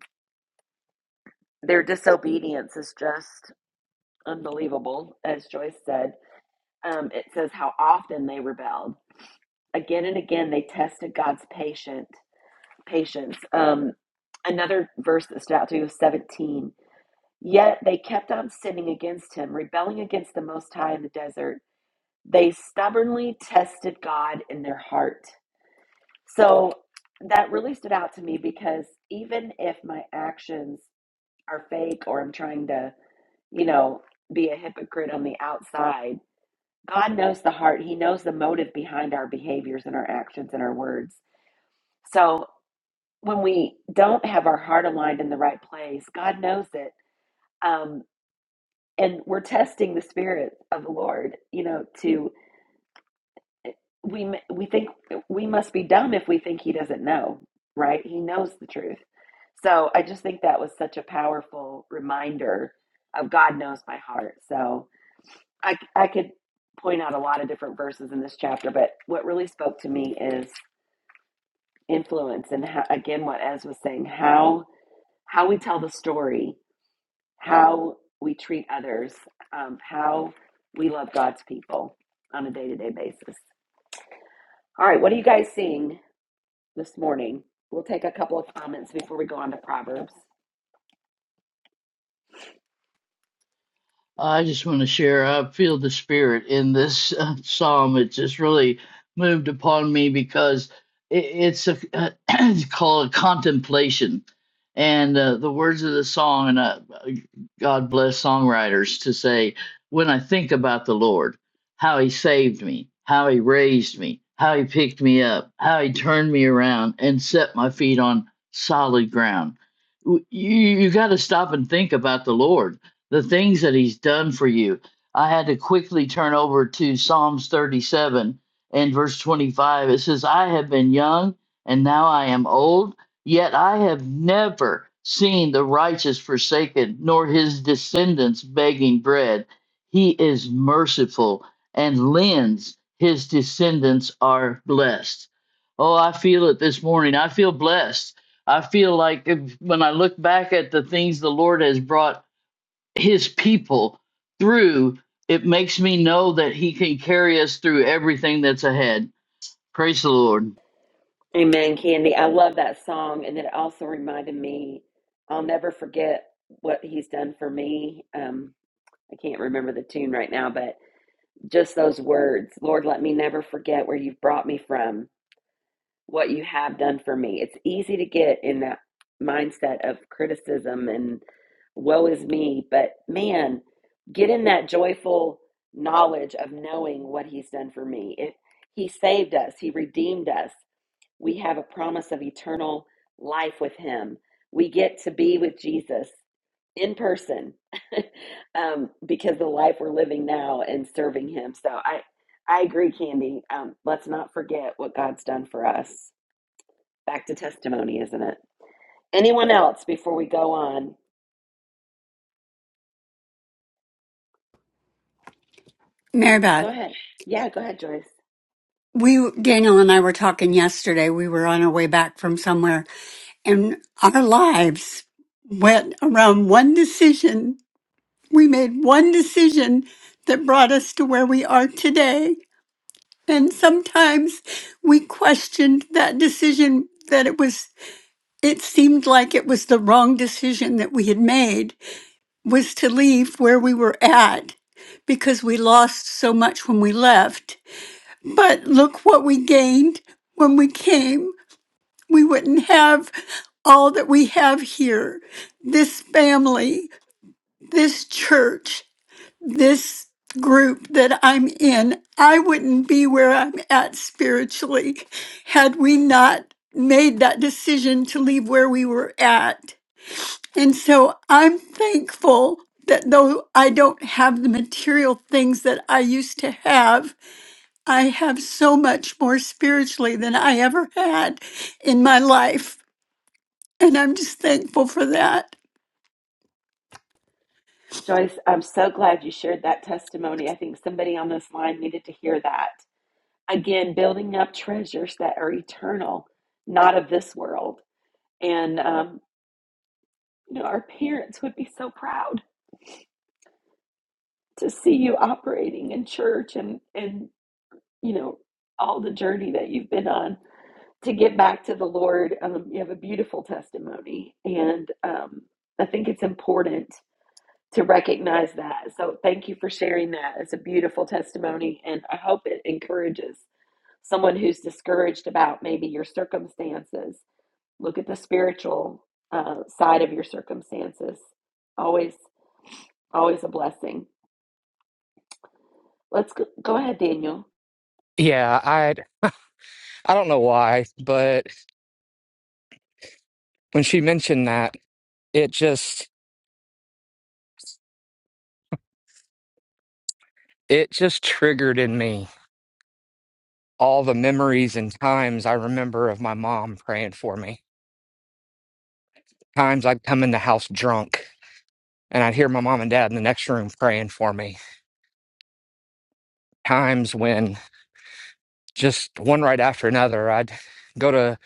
A: their disobedience is just unbelievable, as Joyce said. Um, it says how often they rebelled. Again and again, they tested God's patient patience. Um, another verse that stood out to me was 17. Yet they kept on sinning against him, rebelling against the Most High in the desert. They stubbornly tested God in their heart. So that really stood out to me because even if my actions are fake or I'm trying to, you know, be a hypocrite on the outside. God knows the heart. He knows the motive behind our behaviors and our actions and our words. So when we don't have our heart aligned in the right place, God knows it. Um, and we're testing the spirit of the Lord, you know, to we we think we must be dumb if we think he doesn't know, right? He knows the truth. So I just think that was such a powerful reminder of God knows my heart. So I, I could point out a lot of different verses in this chapter, but what really spoke to me is influence and how, again what Ez was saying how how we tell the story, how we treat others, um, how we love God's people on a day to day basis. All right, what are you guys seeing this morning? We'll take a couple of comments before we go on to Proverbs.
C: I just want to share. I feel the spirit in this uh, psalm. It just really moved upon me because it, it's a (clears throat) it's called contemplation, and uh, the words of the song. And uh, God bless songwriters to say, when I think about the Lord, how He saved me, how He raised me, how He picked me up, how He turned me around and set my feet on solid ground. W- You you got to stop and think about the Lord the things that he's done for you. I had to quickly turn over to Psalms 37 and verse 25. It says, I have been young and now I am old, yet I have never seen the righteous forsaken, nor his descendants begging bread. He is merciful and lends, his descendants are blessed. Oh, I feel it this morning. I feel blessed. I feel like if- when I look back at the things the Lord has brought his people through, it makes me know that he can carry us through everything that's ahead. Praise the Lord.
A: Amen, Candy. I love that song, and it also reminded me. I'll never forget what he's done for me. Um, I can't remember the tune right now, but just those words Lord, let me never forget where you've brought me from, what you have done for me. It's easy to get in that mindset of criticism and woe is me, but man, get in that joyful knowledge of knowing what he's done for me. If he saved us, he redeemed us, we have a promise of eternal life with Him. We get to be with Jesus in person (laughs) um, because the life we're living now and serving Him. So I, I agree, Candy. Um, let's not forget what God's done for us. Back to testimony, isn't it? Anyone else before we go on?
H: Mary
A: Go
H: Beth,
A: ahead. Yeah, go ahead, Joyce.
H: we, Daniel and I were talking yesterday. We were on our way back from somewhere and our lives went around one decision. We made one decision that brought us to where we are today. And sometimes we questioned that decision that it was it seemed like it was the wrong decision that we had made was to leave where we were at because we lost so much when we left. But look what we gained when we came. We wouldn't have all that we have here. This family, this church, this group that I'm in, I wouldn't be where I'm at spiritually had we not made that decision to leave where we were at. And so I'm thankful that though I don't have the material things that I used to have, I have so much more spiritually than I ever had in my life. And I'm just thankful for that.
A: Joyce, I'm so glad you shared that testimony. I think somebody on this line needed to hear that. again building up treasures that are eternal not of this world and um, you know our parents would be so proud to see you operating in church and and you know all the journey that you've been on to get back to the lord um, you have a beautiful testimony and um, i think it's important to recognize that so thank you for sharing that it's a beautiful testimony and i hope it encourages someone who's discouraged about maybe your circumstances Look at the spiritual uh, side of your circumstances. Always, always a blessing. Let's go, go ahead, Daniel.
E: Yeah, I I don't know why, but when she mentioned that, it just it just triggered in me all the memories and times I remember of my mom praying for me. Times I'd come in the house drunk and I'd hear my mom and dad in the next room praying for me. Times when just one right after another, I'd go to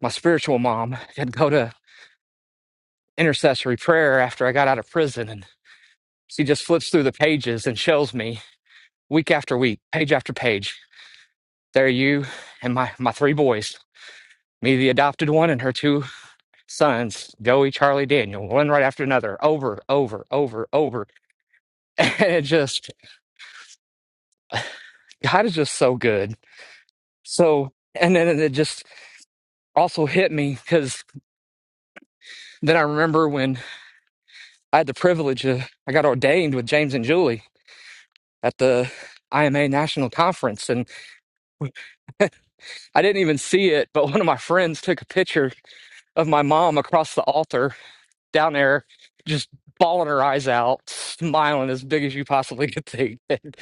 E: my spiritual mom I'd go to intercessory prayer after I got out of prison. And she just flips through the pages and shows me week after week, page after page. There you and my, my three boys, me, the adopted one, and her two sons, Joey, Charlie, Daniel, one right after another, over, over, over, over. (laughs) And it just, God is just so good So, and then it just also hit me because then I remember when I had the privilege of, I got ordained with James and Julie at the IMA National Conference. And I didn't even see it, but one of my friends took a picture of my mom across the altar down there, just bawling her eyes out, smiling as big as you possibly could think. (laughs) And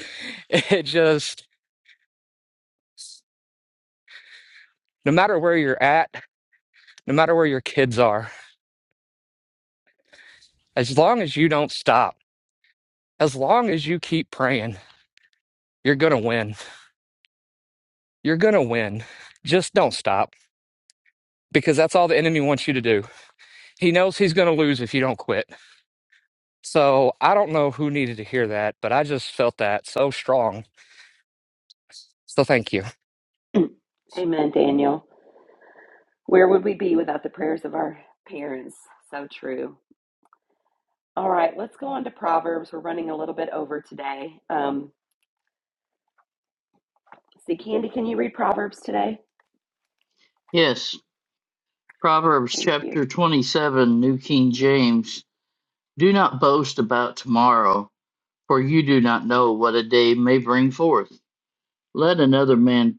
E: it just, no matter where you're at, no matter where your kids are, as long as you don't stop, as long as you keep praying, You're going to win. You're going to win. Just don't stop because that's all the enemy wants you to do. He knows he's going to lose if you don't quit. So I don't know who needed to hear that, but I just felt that so strong. So thank you.
A: (clears throat) Amen, Daniel. Where would we be without the prayers of our parents? So true. All right, let's go on to Proverbs. We're running a little bit over today. Um, see, Candy, can you read Proverbs today?
C: Yes, Proverbs
A: Thank you.
C: chapter 27, New King James. Do not boast about tomorrow, for you do not know what a day may bring forth. Let another man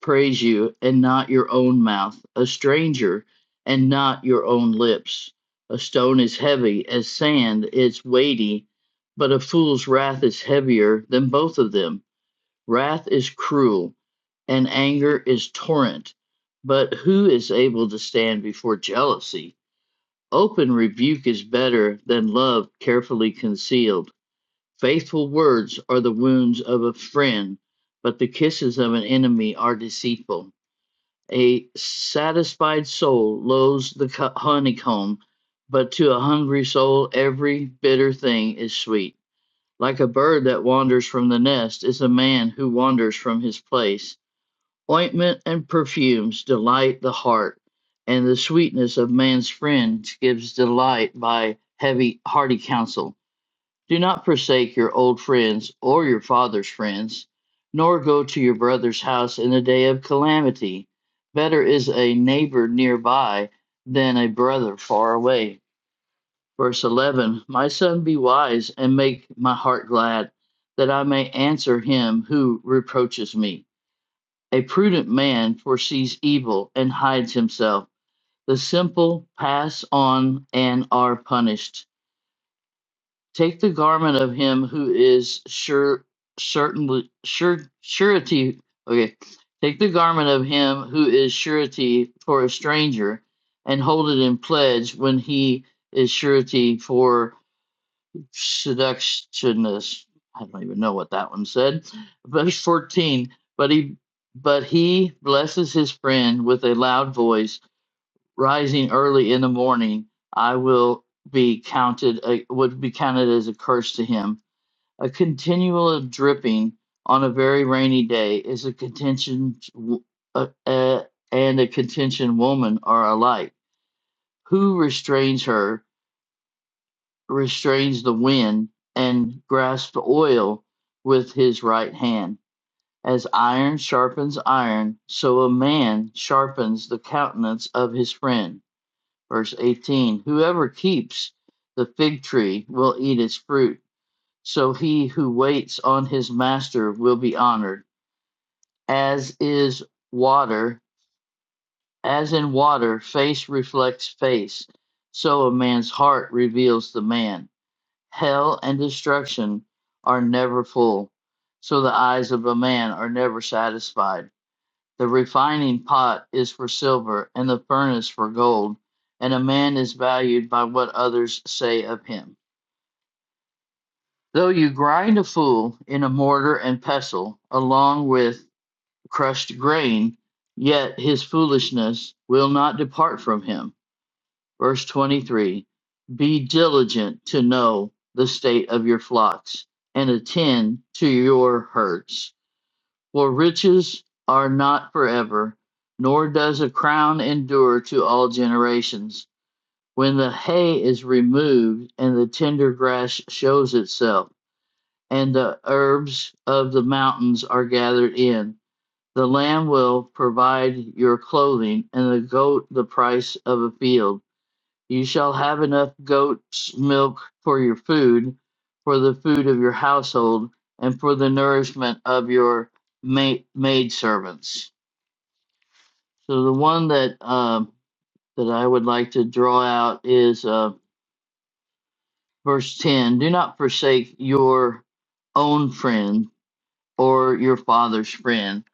C: praise you and not your own mouth, a stranger and not your own lips. A stone is heavy as sand, it's weighty, but a fool's wrath is heavier than both of them. Wrath is cruel, and anger is torrent. But who is able to stand before jealousy? Open rebuke is better than love carefully concealed. Faithful words are the wounds of a friend, but the kisses of an enemy are deceitful. A satisfied soul loathes the honeycomb, but to a hungry soul every bitter thing is sweet. Like a bird that wanders from the nest is a man who wanders from his place. Ointment and perfumes delight the heart, and the sweetness of man's friend gives delight by heavy hearty counsel. Do not forsake your old friends or your father's friends, nor go to your brother's house in the day of calamity. Better is a neighbor nearby than a brother far away. Verse 11 My son, be wise and make my heart glad, that I may answer him who reproaches me. A prudent man foresees evil and hides himself. The simple pass on and are punished. Take the garment of him who is sure, certainly, sure, surety. Okay. Take the garment of him who is surety for a stranger and hold it in pledge when he is surety for seductionist. I don't even know what that one said. Verse 14. But he, but he blesses his friend with a loud voice, rising early in the morning. I will be counted uh, would be counted as a curse to him a continual dripping on a very rainy day is a contention uh, uh, and a contention woman are alike. Who restrains her restrains the wind and grasps the oil with his right hand. As iron sharpens iron, so a man sharpens the countenance of his friend. Verse 18 Whoever keeps the fig tree will eat its fruit So he who waits on his master will be honored. As is water, as in water, face reflects face, so a man's heart reveals the man. Hell and destruction are never full, so the eyes of a man are never satisfied. The refining pot is for silver, and the furnace for gold, and a man is valued by what others say of him. Though you grind a fool in a mortar and pestle along with crushed grain, yet his foolishness will not depart from him. Verse 23 Be diligent to know the state of your flocks and attend to your herds. For riches are not forever, nor does a crown endure to all generations. When the hay is removed and the tender grass shows itself, and the herbs of the mountains are gathered in. The lamb will provide your clothing, and the goat the price of a field. You shall have enough goat's milk for your food, for the food of your household, and for the nourishment of your ma- maid servants. So the one that um, that I would like to draw out is uh, verse ten. Do not forsake your own friend or your father's friend.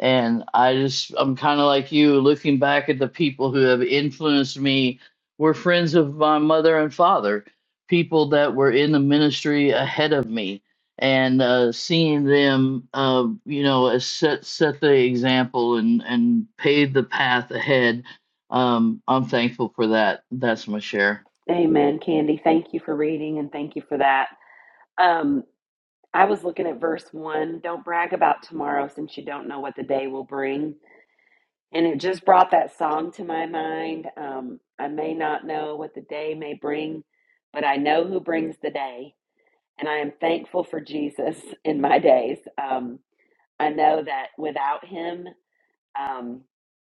C: And I just, I'm kind of like you, looking back at the people who have influenced me, were friends of my mother and father, people that were in the ministry ahead of me, and uh, seeing them, uh, you know, as set set the example and and pave the path ahead. Um, I'm thankful for that. That's my share.
A: Amen, Candy. Thank you for reading and thank you for that. Um, I was looking at verse one. Don't brag about tomorrow since you don't know what the day will bring. And it just brought that song to my mind. Um, I may not know what the day may bring, but I know who brings the day. And I am thankful for Jesus in my days. Um, I know that without him, um,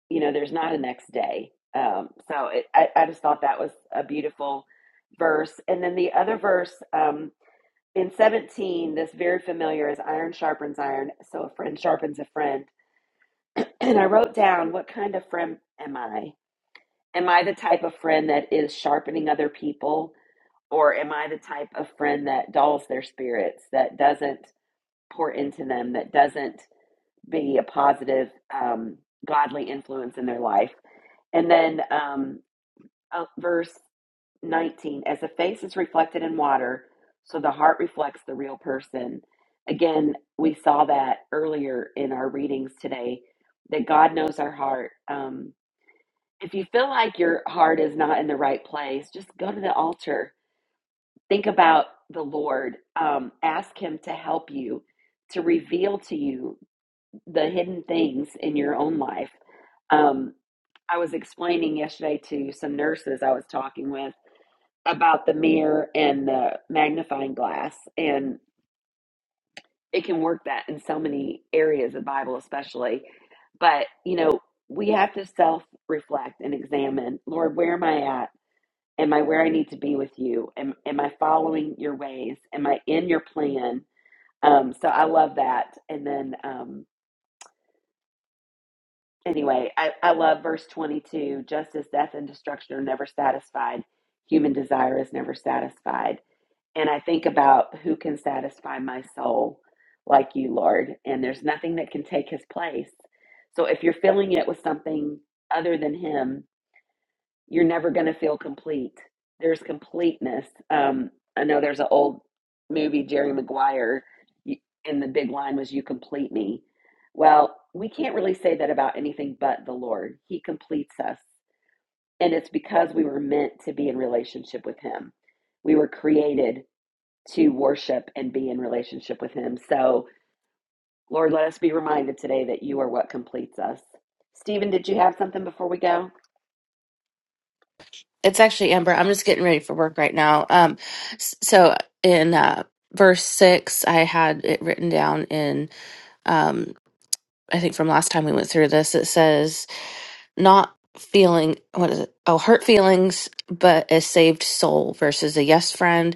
A: you know, there's not a next day. Um, so it, I, I just thought that was a beautiful verse. And then the other verse um, in 17, this very familiar is iron sharpens iron. So a friend sharpens a friend. (clears throat) And I wrote down, what kind of friend am I? Am I the type of friend that is sharpening other people? Or am I the type of friend that dulls their spirits, that doesn't pour into them, that doesn't be a positive, um, godly influence in their life? And then um, uh, verse 19 as the face is reflected in water, so the heart reflects the real person. Again, we saw that earlier in our readings today that God knows our heart. Um, if you feel like your heart is not in the right place, just go to the altar. Think about the Lord. Um, ask Him to help you, to reveal to you the hidden things in your own life. Um, I was explaining yesterday to some nurses I was talking with about the mirror and the magnifying glass, and it can work that in so many areas of the Bible, especially. But, you know, we have to self reflect and examine Lord, where am I at? Am I where I need to be with you? Am, am I following your ways? Am I in your plan? Um, so I love that. And then, um, anyway, I, I love verse 22 just as death and destruction are never satisfied, human desire is never satisfied. And I think about who can satisfy my soul like you, Lord. And there's nothing that can take his place. So if you're filling it with something other than him, you're never going to feel complete. There's completeness. Um, I know there's an old movie, Jerry Maguire, and the big line was, You complete me. Well, we can't really say that about anything but the Lord. He completes us. And it's because we were meant to be in relationship with Him. We were created to worship and be in relationship with Him. So, Lord, let us be reminded today that you are what completes us. Stephen, did you have something before we go?
I: it's actually Amber. I'm just getting ready for work right now. Um, s- so in uh, verse six, I had it written down in. Um, I think from last time we went through this, it says not feeling what is it? Oh, hurt feelings, but a saved soul versus a yes friend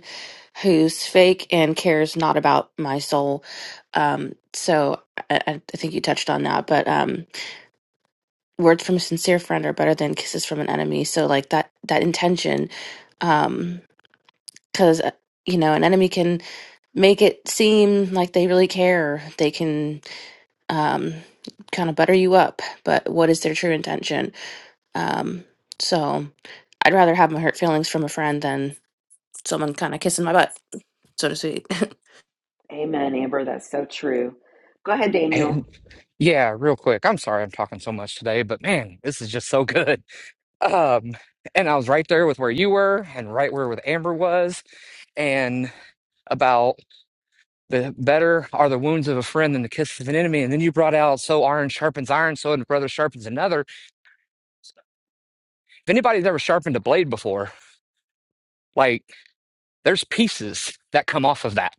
I: who's fake and cares not about my soul. Um, so I, I I think you touched on that, but um, words from a sincere friend are better than kisses from an enemy. So like that that intention. Um, because you know an enemy can make it seem like they really care they can um, kind of butter you up but what is their true intention um, so i'd rather have my hurt feelings from a friend than someone kind of kissing my butt so to speak (laughs)
A: Amen, Amber. That's so true. Go ahead, Daniel.
E: And yeah, real quick. I'm sorry I'm talking so much today, but man, this is just so good. (laughs) Um, and I was right there with where you were and right where with Amber was and about the better are the wounds of a friend than the kisses of an enemy. And then you brought out so iron sharpens iron, so the brother sharpens another. if anybody's ever sharpened a blade before, like there's pieces that come off of that.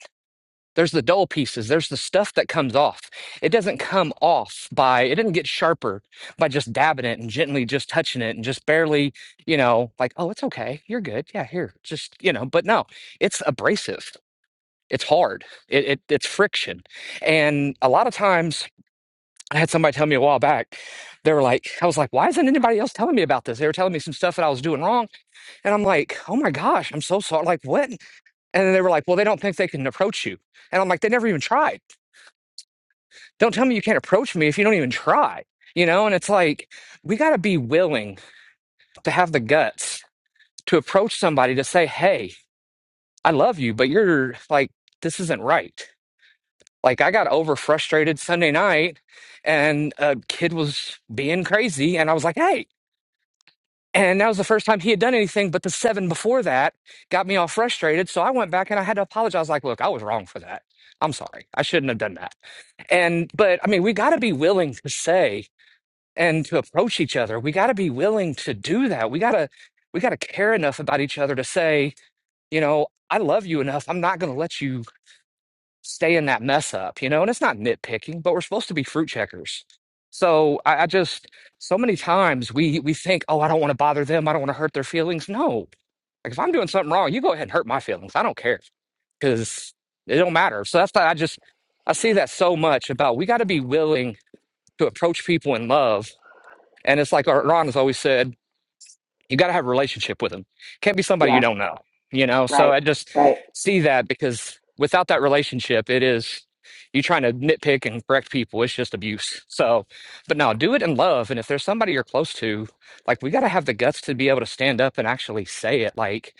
E: There's the dull pieces. There's the stuff that comes off. It doesn't come off by, it doesn't get sharper by just dabbing it and gently just touching it and just barely, you know, like, oh, it's okay. You're good. Yeah, here, just, you know, but no, it's abrasive. It's hard. It, it, it's friction. And a lot of times I had somebody tell me a while back, they were like, I was like, why isn't anybody else telling me about this? They were telling me some stuff that I was doing wrong. And I'm like, oh my gosh, I'm so sorry. Like, what? And then they were like, well, they don't think they can approach you. And I'm like, they never even tried. Don't tell me you can't approach me if you don't even try, you know? And it's like, we got to be willing to have the guts to approach somebody to say, hey, I love you, but you're like, this isn't right. Like, I got over frustrated Sunday night and a kid was being crazy. And I was like, hey, And that was the first time he had done anything, but the seven before that got me all frustrated. So I went back and I had to apologize. like, look, I was wrong for that. I'm sorry. I shouldn't have done that. And, but I mean, we got to be willing to say and to approach each other. We got to be willing to do that. We got to, we got to care enough about each other to say, you know, I love you enough. I'm not going to let you stay in that mess up, you know? And it's not nitpicking, but we're supposed to be fruit checkers. So I, I just so many times we we think, oh, I don't want to bother them. I don't want to hurt their feelings. No. Like if I'm doing something wrong, you go ahead and hurt my feelings. I don't care because it don't matter. So that's why I just I see that so much about we got to be willing to approach people in love. And it's like Ron has always said, you got to have a relationship with them. Can't be somebody you
A: Yeah,
E: don't know, you know? So
A: right,
E: I just
A: right.
E: see that because without that relationship, it is you trying to nitpick and correct people. It's just abuse. So, but no, do it in love. And if there's somebody you're close to, like we got to have the guts to be able to stand up and actually say it like,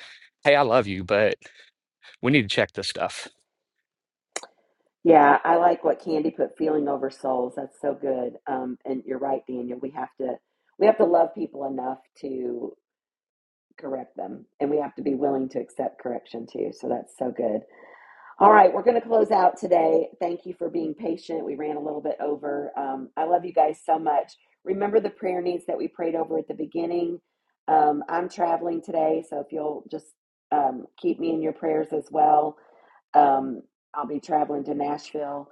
E: hey, I love you, but we need to check this stuff.
A: Yeah, I like what Candy put feeling over souls. That's so good. Um, and you're right, Daniel. We have to we have to love people enough to correct them, and we have to be willing to accept correction too. So that's so good. All right, we're going to close out today. Thank you for being patient. We ran a little bit over. Um, I love you guys so much. Remember the prayer needs that we prayed over at the beginning. Um, I'm traveling today, so if you'll just um, keep me in your prayers as well. Um, I'll be traveling to Nashville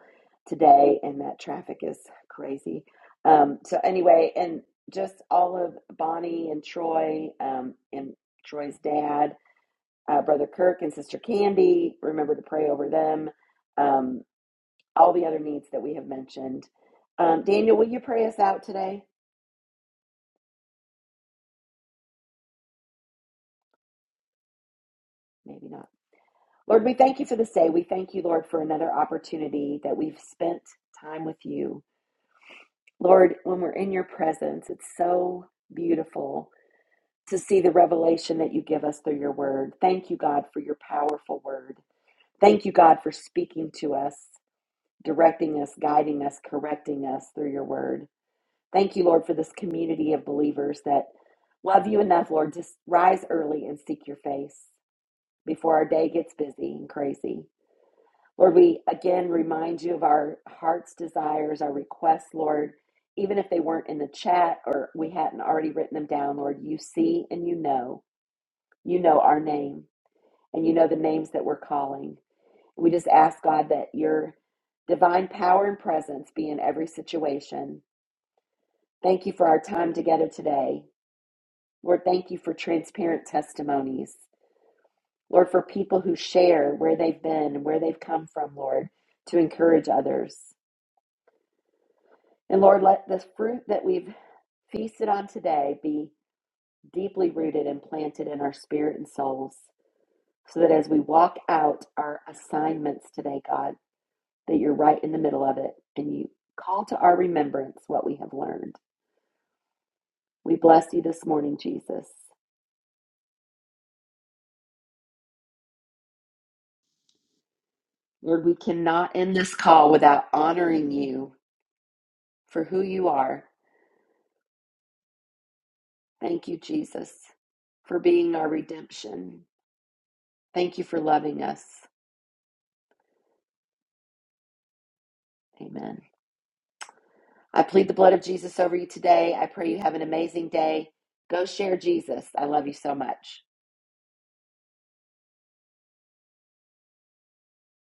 A: today, and that traffic is crazy. Um, so, anyway, and just all of Bonnie and Troy um, and Troy's dad uh, Brother Kirk and Sister Candy. Remember to pray over them. Um, all the other needs that we have mentioned. Um, Daniel, will you pray us out today? Maybe not. Lord, we thank you for this day. We thank you, Lord, for another opportunity that we've spent time with you. Lord, when we're in your presence, it's so beautiful to see the revelation that you give us through your word. Thank you, God, for your powerful word. Thank you, God, for speaking to us, directing us, guiding us, correcting us through your word. Thank you, Lord, for this community of believers that love you enough, Lord, to rise early and seek your face before our day gets busy and crazy. Lord, we again remind you of our heart's desires, our requests, Lord. Even if they weren't in the chat or we hadn't already written them down, Lord, you see and you know. You know our name and you know the names that we're calling. We just ask, God, that your divine power and presence be in every situation. Thank you for our time together today. Lord, thank you for transparent testimonies. Lord, for people who share where they've been and where they've come from, Lord, to encourage others. And Lord, let the fruit that we've feasted on today be deeply rooted and planted in our spirit and souls, so that as we walk out our assignments today, God, that you're right in the middle of it and you call to our remembrance what we have learned. We bless you this morning, Jesus. Lord, we cannot end this call without honoring you for who you are. Thank you, Jesus, for being our redemption. Thank you for loving us. Amen. I plead the blood of Jesus over you today. I pray you have an amazing day. Go share Jesus. I love you so much.